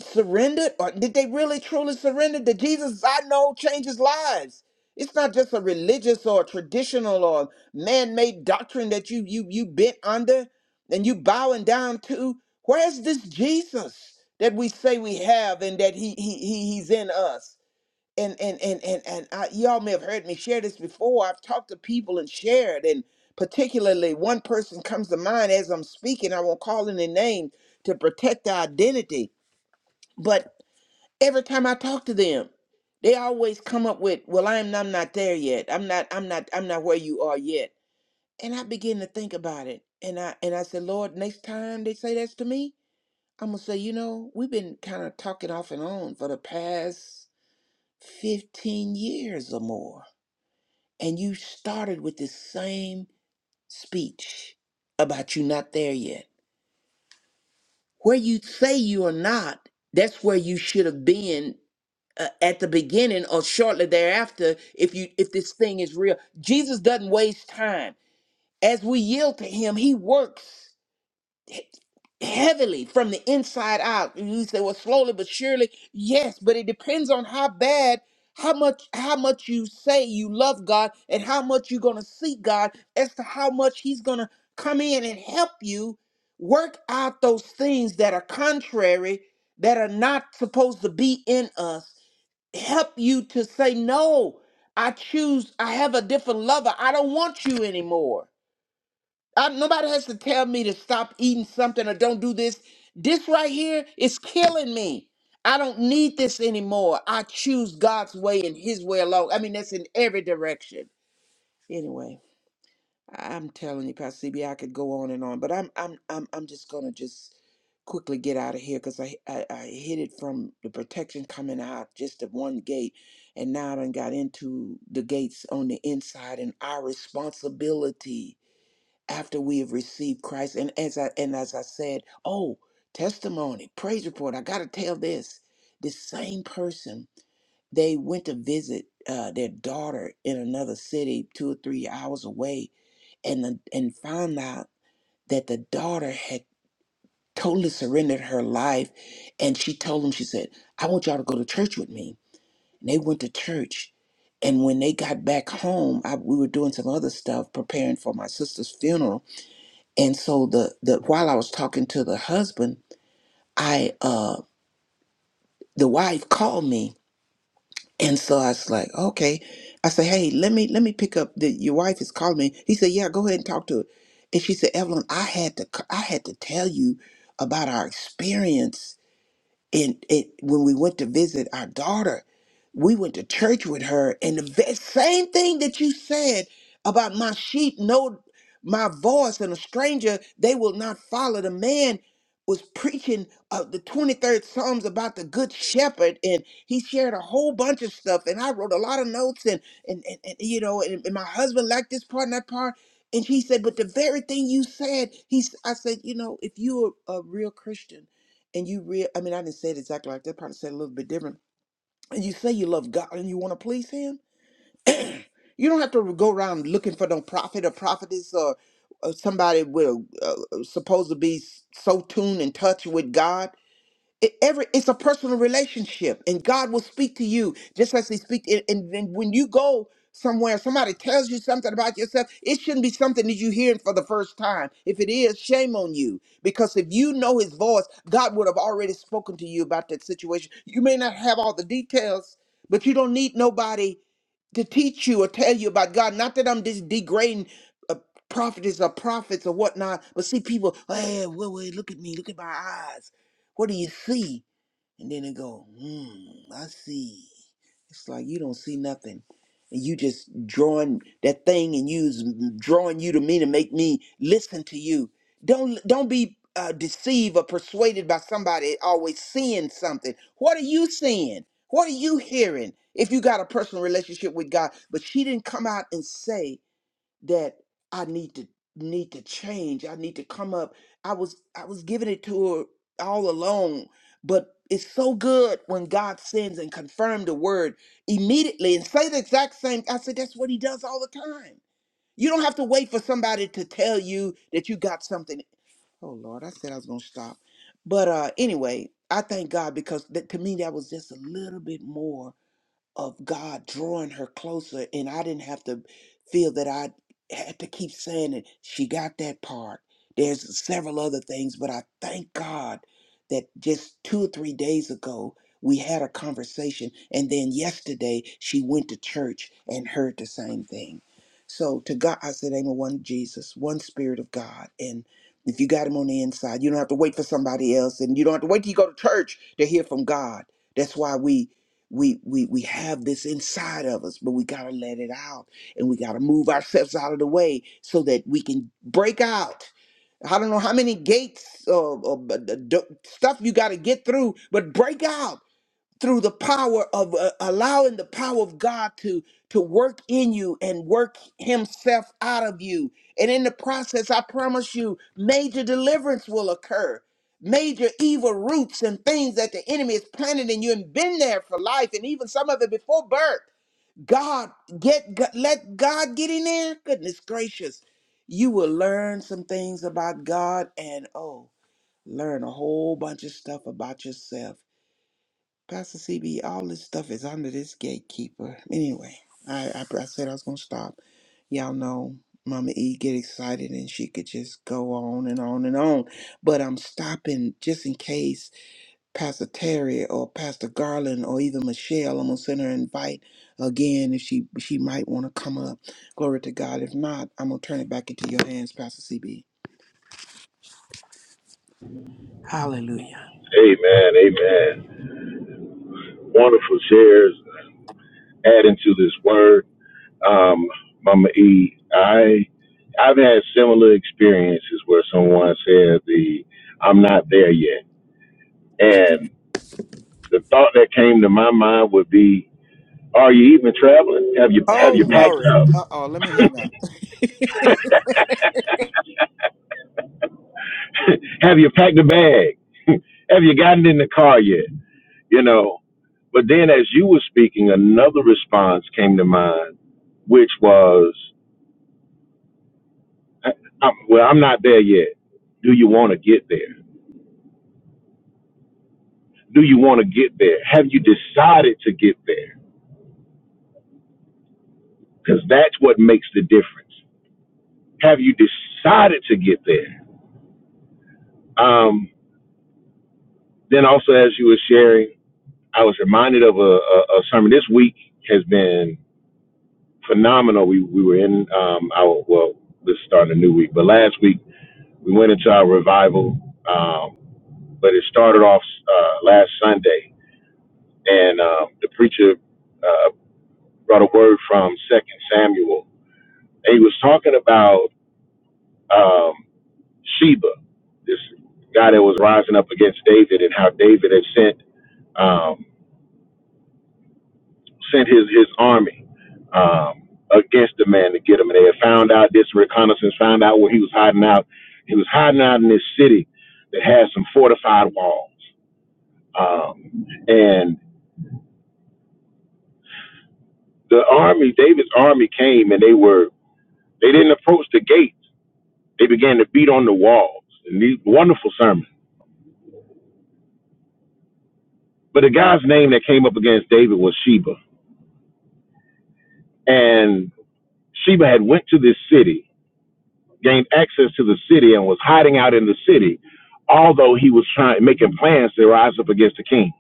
surrendered or did they really truly surrender the jesus i know changes lives it's not just a religious or traditional or man-made doctrine that you you you bent under and you bowing down to where's this jesus that we say we have and that he he, he he's in us and and and and, and I, y'all may have heard me share this before i've talked to people and shared and particularly one person comes to mind as i'm speaking i won't call any name to protect their identity but every time I talk to them, they always come up with, "Well, I'm I'm not there yet. I'm not I'm not I'm not where you are yet." And I begin to think about it, and I and I said, "Lord, next time they say that to me, I'm gonna say, you know, we've been kind of talking off and on for the past 15 years or more, and you started with this same speech about you not there yet. Where you say you are not, that's where you should have been uh, at the beginning or shortly thereafter if you if this thing is real jesus doesn't waste time as we yield to him he works he- heavily from the inside out and you say well slowly but surely yes but it depends on how bad how much how much you say you love god and how much you're going to seek god as to how much he's going to come in and help you work out those things that are contrary that are not supposed to be in us help you to say no i choose i have a different lover i don't want you anymore I, nobody has to tell me to stop eating something or don't do this this right here is killing me i don't need this anymore i choose god's way and his way alone i mean that's in every direction anyway I'm telling you, Pastor CB, could go on and on, but I'm I'm I'm I'm just gonna just quickly get out of here because I, I I hit it from the protection coming out just at one gate, and now I done got into the gates on the inside and our responsibility after we have received Christ. And as I and as I said, oh testimony, praise report. I gotta tell this. This same person, they went to visit uh, their daughter in another city, two or three hours away and the, and found out that the daughter had totally surrendered her life and she told them she said i want y'all to go to church with me and they went to church and when they got back home I, we were doing some other stuff preparing for my sister's funeral and so the, the while i was talking to the husband i uh the wife called me And so I was like, okay. I said, hey, let me let me pick up the your wife is calling me. He said, yeah, go ahead and talk to her. And she said, Evelyn, I had to c- I had to tell you about our experience and it when we went to visit our daughter we went to church with her and the ve- same thing that you said about my sheep know my voice and a stranger they will not follow the man was preaching uh, the 23rd psalms about the good shepherd and he shared a whole bunch of stuff and i wrote a lot of notes and and, and, and you know and, and my husband liked this part and that part and he said but the very thing you said he s- i said you know if you're a real christian and you real I mean I didn't say it exactly like that, probably said it a little bit different. And you say you love God and you want to please him, you don't have to go around looking for no prophet or prophetess or, or somebody with a, uh, supposed to be so tuned in touch with God it, every it's a personal relationship, and God will speak to you just as He speak. And, and, and when you go somewhere, somebody tells you something about yourself. It shouldn't be something that you hearing for the first time. If it is, shame on you. Because if you know His voice, God would have already spoken to you about that situation. You may not have all the details, but you don't need nobody to teach you or tell you about God. Not that I'm just degrading uh, prophetess or prophets or whatnot, but see people, hey, wait, wait, look at me, look at my eyes. What do you see? And then it go, hmm, I see. It's like you don't see nothing. And you just drawing that thing and you's drawing you to me to make me listen to you. Don't don't be uh, deceived or persuaded by somebody always seeing something. What are you seeing? What are you hearing? If you got a personal relationship with God, but she didn't come out and say that I need to need to change. I need to come up. I was I was giving it to her all alone, but it's so good when God sends and confirms the word immediately and say the exact same. I said that's what He does all the time. You don't have to wait for somebody to tell you that you got something. Oh Lord, I said I was gonna stop, but uh anyway, I thank God because that, to me that was just a little bit more of God drawing her closer, and I didn't have to feel that I had to keep saying it. She got that part. There's several other things, but I thank God that just two or three days ago we had a conversation, and then yesterday she went to church and heard the same thing. So to God, I said, Amen. One Jesus, one Spirit of God, and if you got Him on the inside, you don't have to wait for somebody else, and you don't have to wait till you go to church to hear from God. That's why we we we we have this inside of us but we got to let it out and we got to move ourselves out of the way so that we can break out i don't know how many gates of, of, uh, stuff you got to get through but break out through the power of uh, allowing the power of God to to work in you and work himself out of you and in the process I promise you major deliverance will occur major evil roots and things that the enemy has planted in you and been there for life and even some of it before birth God get g- let God get in there goodness gracious you will learn some things about God and oh learn a whole bunch of stuff about yourself Pastor CB, all this stuff is under this gatekeeper. Anyway, I, I, I said I was going to stop. Y'all know Mama E get excited and she could just go on and on and on. But I'm stopping just in case Pastor Terry or Pastor Garland or even Michelle, I'm going to send her an invite again if she, she might want to come up. Glory to God. If not, I'm going to turn it back into your hands, Pastor CB. Hallelujah. Amen. Amen. Wonderful shares. Adding to this word, um, Mama E, I I've had similar experiences where someone said the I'm not there yet, and the thought that came to my mind would be, Are you even traveling? Have you have Oh, you packed glory. up? Uh-oh, let me hang up. *laughs* have you packed a bag? *laughs* have you gotten in the car yet? You know. But then, as you were speaking, another response came to mind, which was i well, I'm not there yet. Do you want to get there? Do you want to get there? Have you decided to get there? Because that's what makes the difference. Have you decided to get there? Um, then also, as you were sharing, I was reminded of a, a, a sermon. This week has been phenomenal. We we were in um, our well, this is starting a new week, but last week we went into our revival. Um, but it started off uh, last Sunday, and um, the preacher uh, brought a word from Second Samuel, and he was talking about um, Sheba, this guy that was rising up against David, and how David had sent um, sent his his army um, against the man to get him, and they had found out this reconnaissance, found out where he was hiding out. He was hiding out in this city that had some fortified walls, um, and the army, David's army, came and they were they didn't approach the gates. They began to beat on the walls. And these wonderful sermons. But the guy's name that came up against David was Sheba. And Sheba had went to this city, gained access to the city, and was hiding out in the city, although he was trying making plans to rise up against the king.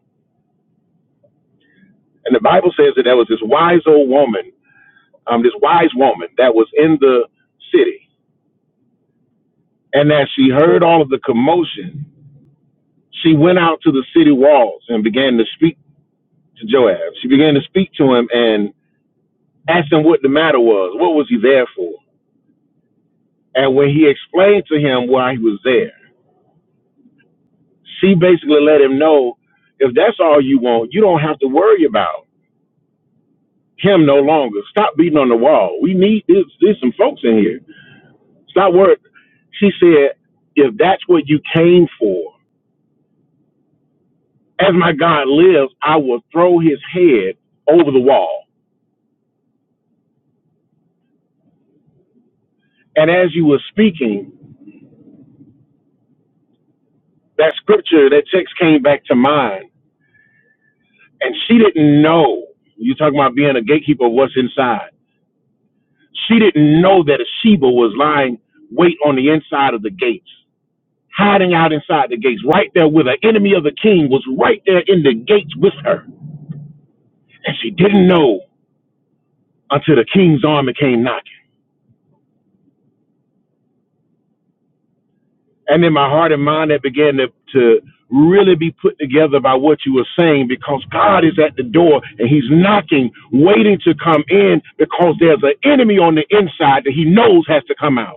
And the Bible says that there was this wise old woman, um, this wise woman that was in the city. And as she heard all of the commotion, she went out to the city walls and began to speak to Joab. She began to speak to him, and asked him what the matter was. What was he there for? And when he explained to him why he was there, she basically let him know if that's all you want, you don't have to worry about him no longer. Stop beating on the wall. We need there's, there's some folks in here. Stop worrying. She said, if that's what you came for, as my God lives, I will throw his head over the wall. And as you were speaking, that scripture, that text came back to mind and she didn't know. You talking about being a gatekeeper of what's inside? She didn't know that a Sheba was lying wait on the inside of the gates, hiding out inside the gates, right there with her enemy of the king was right there in the gates with her, and she didn't know until the king's army came knocking. And then my heart and mind that began to to really be put together by what you were saying because God is at the door and he's knocking waiting to come in because there's an enemy on the inside that he knows has to come out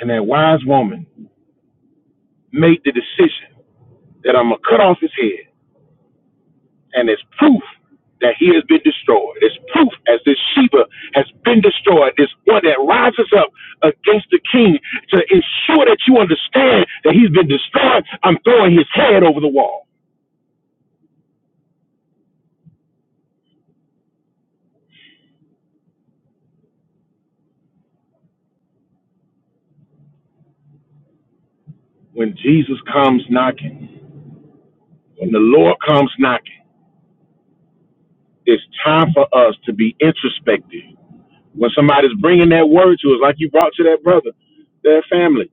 and that wise woman made the decision that I'm gonna cut off his head, and it's proof that he has been destroyed. It's proof as this Sheba has been destroyed. This one that rises up against the king to ensure that you understand that he's been destroyed. I'm throwing his head over the wall. When Jesus comes knocking, when the Lord comes knocking, it's time for us to be introspective. When somebody's bringing that word to us, like you brought to that brother, that family,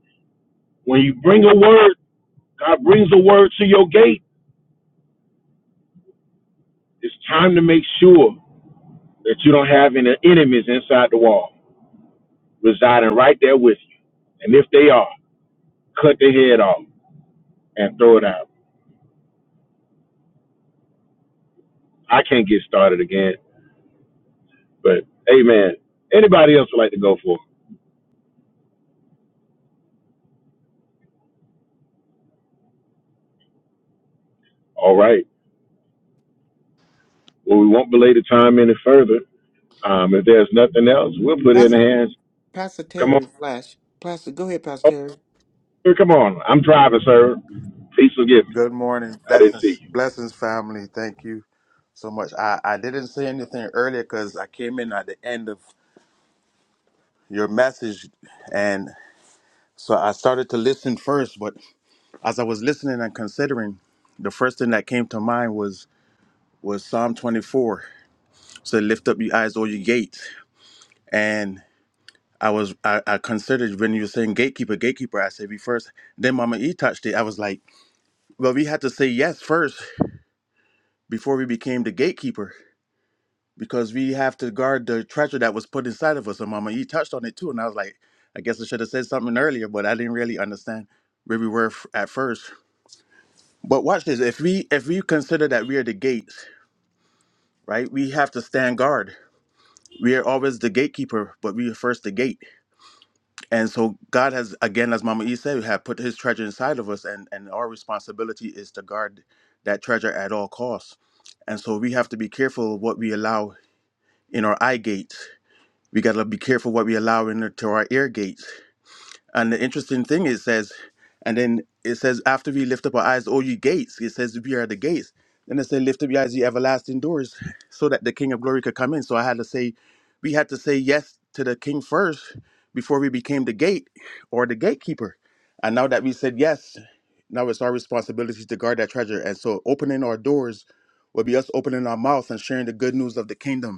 when you bring a word God brings a word to your gate. It's time to make sure that you don't have any enemies inside the wall residing right there with you. And if they are, cut their head off and throw it out. I can't get started again, but hey, man, anybody else would like to go for? it? All right. Well, we won't belay the time any further. Um, if there's nothing else, we'll put it *laughs* in the hands. Pastor Come on. Terry Flash. Pastor, go ahead, Pastor Oh, Terry. here, come on. I'm driving, sir. Please forgive me. Good morning. I didn't see Blessings, blessings, family. Thank you so much. I, I didn't say anything earlier because I came in at the end of your message. And so I started to listen first. But as I was listening and considering, the first thing that came to mind was was Psalm 24. So lift up your eyes, O your gates. And I was I, I considered when you were saying gatekeeper, gatekeeper, I said we first. Then Mama E touched it. I was like, well, we had to say yes first before we became the gatekeeper. because we have to guard the treasure that was put inside of us. And Mama, E touched on it too, and I was like, I guess I should have said something earlier, but I didn't really understand where we were f- at first. But watch this: if we if we consider that we are the gates, right? We have to stand guard. We are always the gatekeeper, but we are first the gate. And so God has, again, as Mama E said, have put His treasure inside of us, and and our responsibility is to guard that treasure at all costs. And so we have to be careful of what we allow in our eye gates we got to be careful what we allow into our ear gates. And the interesting thing it says, and then it says, after we lift up our eyes, oh, you gates, it says, we are the gates. Then it said, lift up your eyes, ye everlasting doors, so that the King of glory could come in. So I had to say, we had to say yes to the King first before we became the gate or the gatekeeper. And now that we said yes, now it's our responsibility to guard that treasure. And so opening our doors will be us opening our mouth and sharing the good news of the kingdom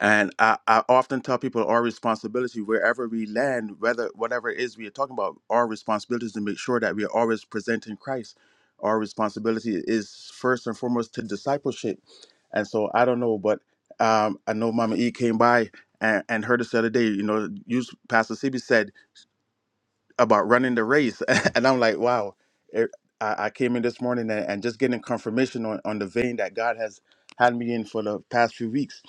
and I, I often tell people our responsibility wherever we land, whether whatever it is we are talking about, our responsibility is to make sure that we are always presenting Christ. Our responsibility is first and foremost to discipleship. And so I don't know, but um, I know Mama E came by and, and heard us the other day, you know, you Pastor CB said about running the race. *laughs* and I'm like, wow. It, I, I came in this morning and, and just getting confirmation on, on the vein that God has had me in for the past few weeks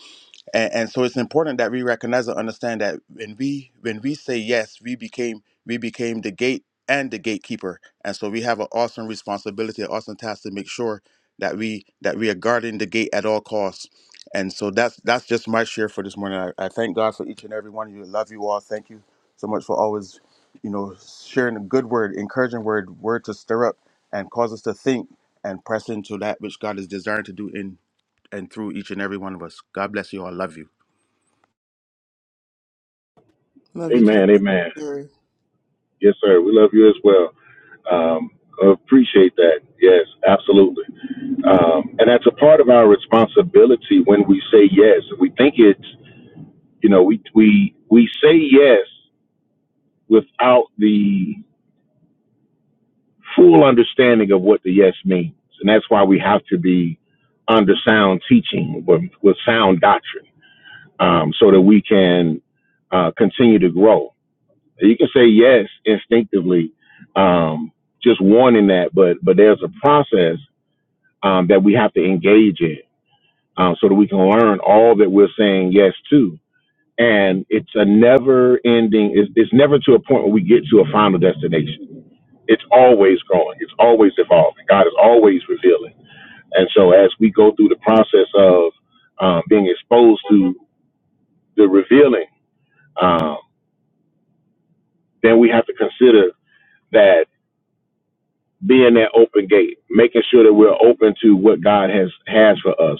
and, and so it's important that we recognize and understand that when we when we say yes we became we became the gate and the gatekeeper and so we have an awesome responsibility an awesome task to make sure that we that we are guarding the gate at all costs and so that's that's just my share for this morning i, I thank god for each and every one of you love you all thank you so much for always you know sharing a good word encouraging word word to stir up and cause us to think and press into that which god is desiring to do in and through each and every one of us god bless you all love you Love you. you too, Amen. Pastor Amen. Terry. Yes, sir. We love you as well. Um, appreciate that. Yes, absolutely. Um, and that's a part of our responsibility when we say yes. We think it's, you know, we we we say yes without the full understanding of what the yes means, and that's why we have to be under sound teaching with, with sound doctrine, um, so that we can uh, continue to grow. You can say yes instinctively, um, just wanting that, but but there's a process um, that we have to engage in um, so that we can learn all that we're saying yes to. And it's a never ending, it's, it's never to a point where we get to a final destination. It's always growing, it's always evolving. God is always revealing. And so as we go through the process of um, being exposed to the revealing, um, then we have to consider that being that open gate, making sure that we're open to what God has has for us,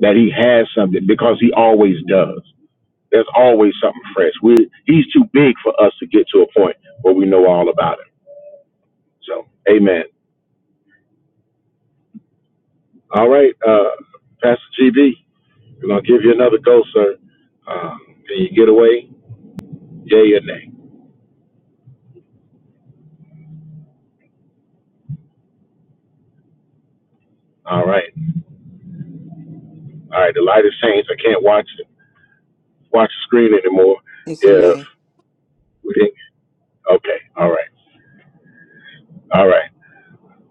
that He has something because He always does. There's always something fresh. We he's too big for us to get to a point where we know all about him. So, amen. All right, uh, Pastor GB, we're gonna give you another go, sir. Uh, can you get away? Yay or nay? All right, all right. The light has changed. I can't watch it, watch the screen anymore. It's a If nay. we didn't, okay, all right, all right.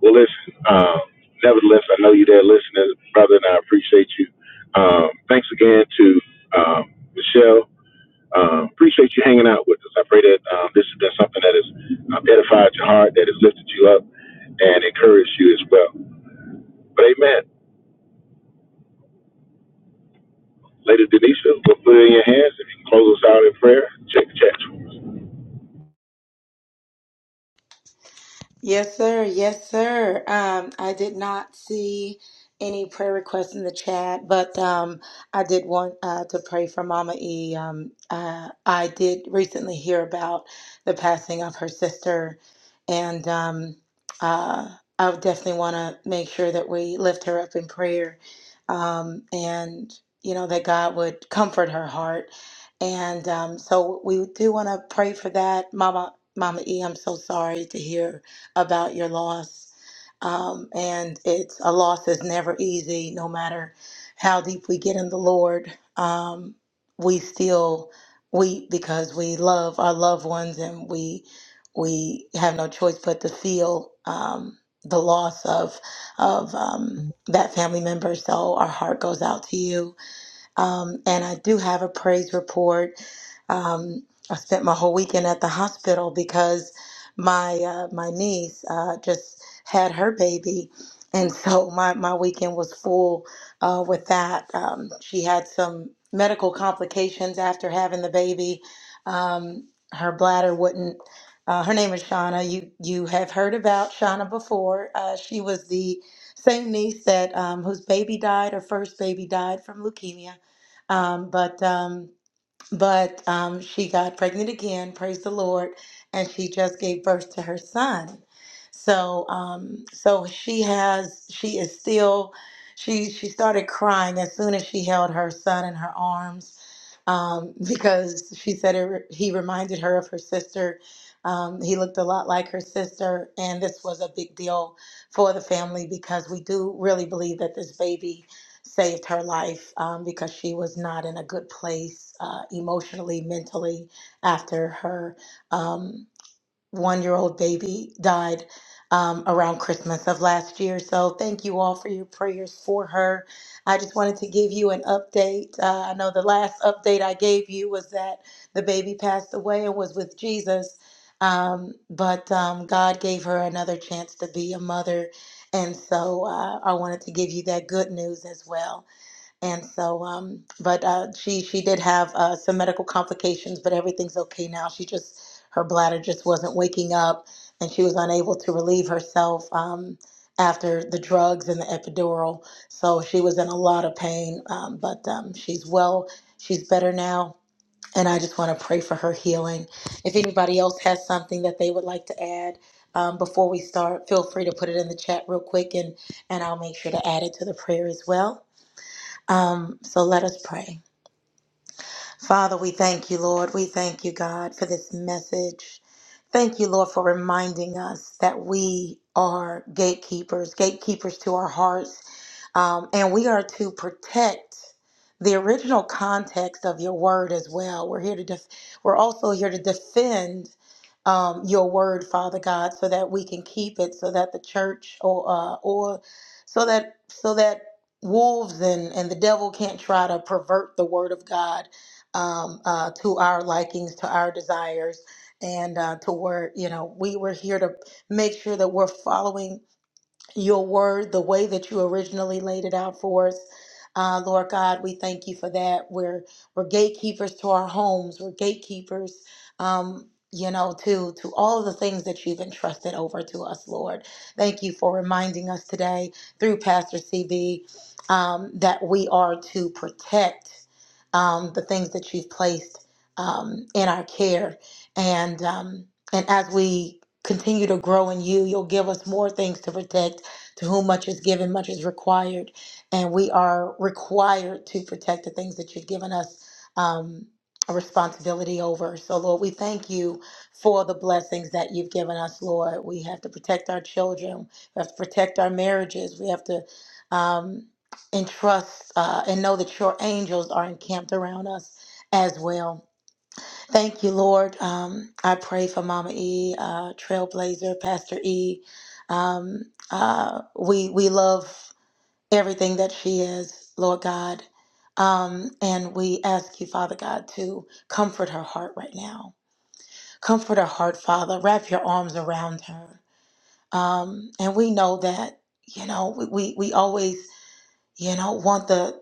Well, listen. Um, nevertheless, I know you're there listening, brother, and I appreciate you. Um, thanks again to um, Michelle Um, appreciate you hanging out with us. I pray that um, this has been something that has um, edified your heart, that has lifted you up, and encouraged you as well. But amen. Lady Denisha, we'll put it in your hands. If you can close us out in prayer, check the chat. Yes, sir. Yes, sir. Um, I did not see any prayer requests in the chat, but um, I did want uh, to pray for Mama E. Um, uh, I did recently hear about the passing of her sister, and um, uh, I would definitely want to make sure that we lift her up in prayer, um, and you know that God would comfort her heart. And um, so we do want to pray for that, Mama. Mama E, I'm so sorry to hear about your loss. Um, and it's a loss is never easy, no matter how deep we get in the Lord. Um, we still weep because we love our loved ones and we we have no choice but to feel um, the loss of of um, that family member. So our heart goes out to you um, and I do have a praise report. Um, I spent my whole weekend at the hospital because my uh, my niece uh, just had her baby, and so *laughs* my my weekend was full uh, with that. Um, she had some medical complications after having the baby. Um, her bladder wouldn't. Uh, her name is Shauna. You you have heard about Shauna before. Uh, she was the same niece that um, whose baby died, her first baby died from leukemia um, but um, but um, she got pregnant again, praise the Lord, and she just gave birth to her son. So um, so she has she is still she she started crying as soon as she held her son in her arms um, because she said it, re- he reminded her of her sister. Um, he looked a lot like her sister, and this was a big deal for the family because we do really believe that this baby saved her life um, because she was not in a good place uh, emotionally, mentally after her um, one year old baby died um, around Christmas of last year. So, thank you all for your prayers for her. I just wanted to give you an update. Uh, I know the last update I gave you was that the baby passed away and was with Jesus. Um, but um, God gave her another chance to be a mother. And so uh, I wanted to give you that good news as well. And so, um, but uh, she she did have uh, some medical complications, but everything's okay now. She just her bladder just wasn't waking up, and she was unable to relieve herself um, after the drugs and the epidural. So she was in a lot of pain, um, but um, she's well. She's better now, and I just want to pray for her healing. If anybody else has something that they would like to add um, before we start, feel free to put it in the chat real quick, and and I'll make sure to add it to the prayer as well. Um, so let us pray. Father, we thank you, Lord. We thank you, God, for this message. Thank you, Lord, for reminding us that we are gatekeepers, gatekeepers to our hearts, um, and we are to protect the original context of your word as well. We're here to, def- we're also here to defend um, your word, Father God, so that we can keep it, so that the church or uh, or so that so that wolves and and the devil can't try to pervert the word of God um, uh, to our likings, to our desires and uh, to where you know we were here to make sure that we're following your word, the way that you originally laid it out for us. Uh, Lord God, we thank you for that. We're we're gatekeepers to our homes. We're gatekeepers, um, you know, to to all of the things that you've entrusted over to us, Lord. Thank you for reminding us today through Pastor CB um, that we are to protect um, the things that you've placed um, in our care, and um, and as we continue to grow in you, you'll give us more things to protect to whom much is given, much is required. And we are required to protect the things that you've given us um, a responsibility over. So, Lord, we thank you for the blessings that you've given us, Lord. We have to protect our children, we have to protect our marriages, we have to. Um, and uh, and know that your angels are encamped around us as well. Thank you, Lord. Um, I pray for Mama E, uh, Trailblazer, Pastor E. Um, uh, we we love everything that she is, Lord God, um, and we ask you, Father God, to comfort her heart right now. Comfort her heart, Father. Wrap your arms around her. Um, and we know that you know we we, we always you know want the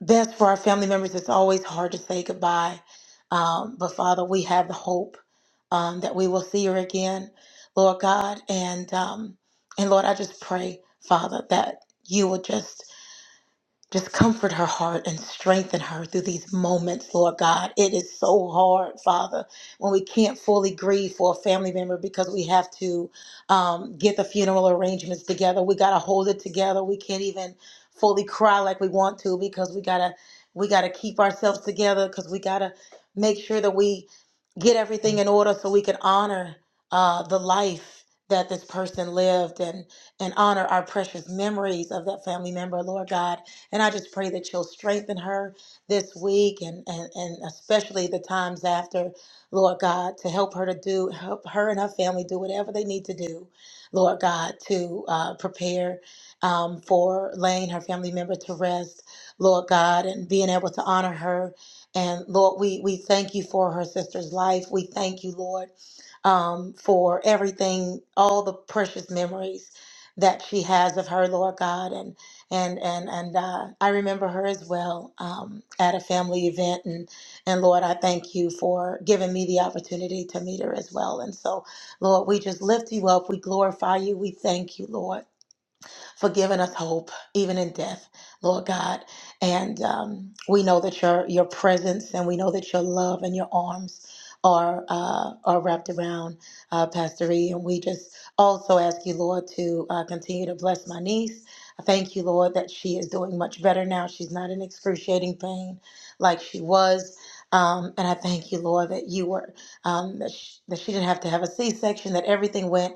best for our family members. It's always hard to say goodbye. Um, but Father, we have the hope um, that we will see her again, Lord God. And um, and Lord, I just pray, Father, that you will just just comfort her heart and strengthen her through these moments, Lord God. It is so hard, Father, when we can't fully grieve for a family member because we have to um, get the funeral arrangements together. We gotta hold it together. We can't even fully cry like we want to because we gotta we gotta keep ourselves together because we gotta make sure that we get everything in order so we can honor uh, the life that this person lived and and honor our precious memories of that family member, Lord God. And I just pray that you'll strengthen her this week and, and, and especially the times after, Lord God, to help her to do, help her and her family do whatever they need to do, Lord God, to uh, prepare um, for laying her family member to rest, Lord God, and being able to honor her. And Lord, we, we thank you for her sister's life. We thank you, Lord, um, for everything, all the precious memories that she has of her, Lord God and and and uh, I remember her as well um, at a family event, and and Lord, I thank you for giving me the opportunity to meet her as well. And so, Lord, we just lift you up, we glorify you, we thank you, Lord for giving us hope, even in death, Lord God. And um, we know that your your presence and we know that your love and your arms are uh, are wrapped around uh, Pastor E. And we just also ask you, Lord, to uh, continue to bless my niece. I Thank you, Lord, that she is doing much better now. She's not in excruciating pain like she was. Um, and I thank you, Lord, that you were um, that, she, that she didn't have to have a C-section, that everything went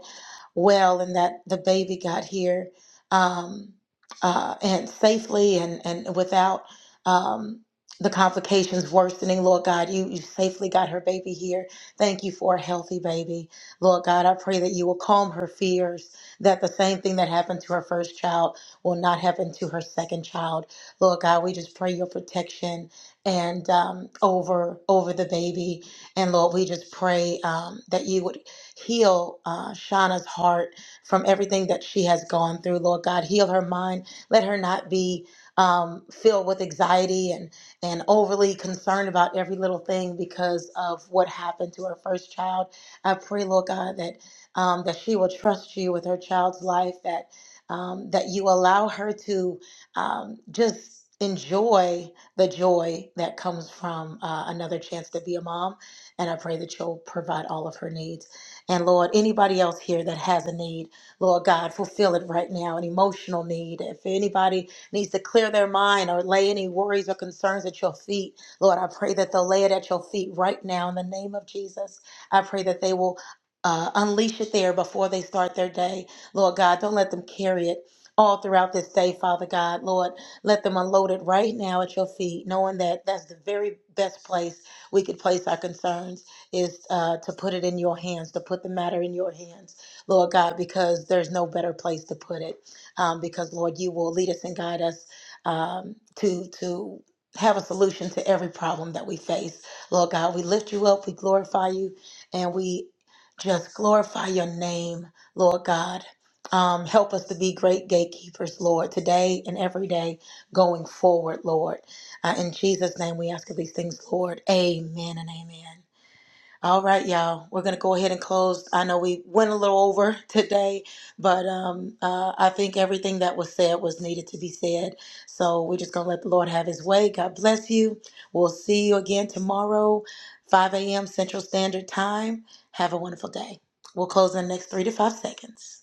well, and that the baby got here um, uh, and safely and, and without um, the complications worsening. Lord God, you, you safely got her baby here. Thank you for a healthy baby. Lord God, I pray that you will calm her fears, that the same thing that happened to her first child will not happen to her second child. Lord God, we just pray your protection and um, over over the baby. And Lord, we just pray um, that you would heal uh, Shauna's heart from everything that she has gone through, Lord God. Heal her mind. Let her not be um, filled with anxiety and, and overly concerned about every little thing because of what happened to her first child. I pray, Lord God, that um, that she will trust you with her child's life, that um, that you allow her to um, just enjoy the joy that comes from uh, another chance to be a mom. And I pray that you'll provide all of her needs. And Lord, anybody else here that has a need. Lord God, fulfill it right now, an emotional need. If anybody needs to clear their mind or lay any worries or concerns at your feet, Lord, I pray that they'll lay it at your feet right now in the name of Jesus. I pray that they will uh, unleash it there before they start their day. Lord God, don't let them carry it all throughout this day, Father God. Lord, let them unload it right now at your feet, knowing that that's the very best place we could place our concerns is uh, to put it in your hands, to put the matter in your hands. Lord God, because there's no better place to put it. Um, because Lord, you will lead us and guide us um, to to have a solution to every problem that we face. Lord God, we lift you up, we glorify you, and we just glorify your name, Lord God. Um, help us to be great gatekeepers, Lord, today and every day going forward, Lord. Uh, in Jesus' name, we ask of these things, Lord. Amen and amen. All right, y'all. We're gonna go ahead and close. I know we went a little over *laughs* today, but um, uh, I think everything that was said was needed to be said. So we're just gonna let the Lord have His way. God bless you. We'll see you again tomorrow, 5 a.m. Central Standard Time. Have a wonderful day. We'll close in the next three to five seconds.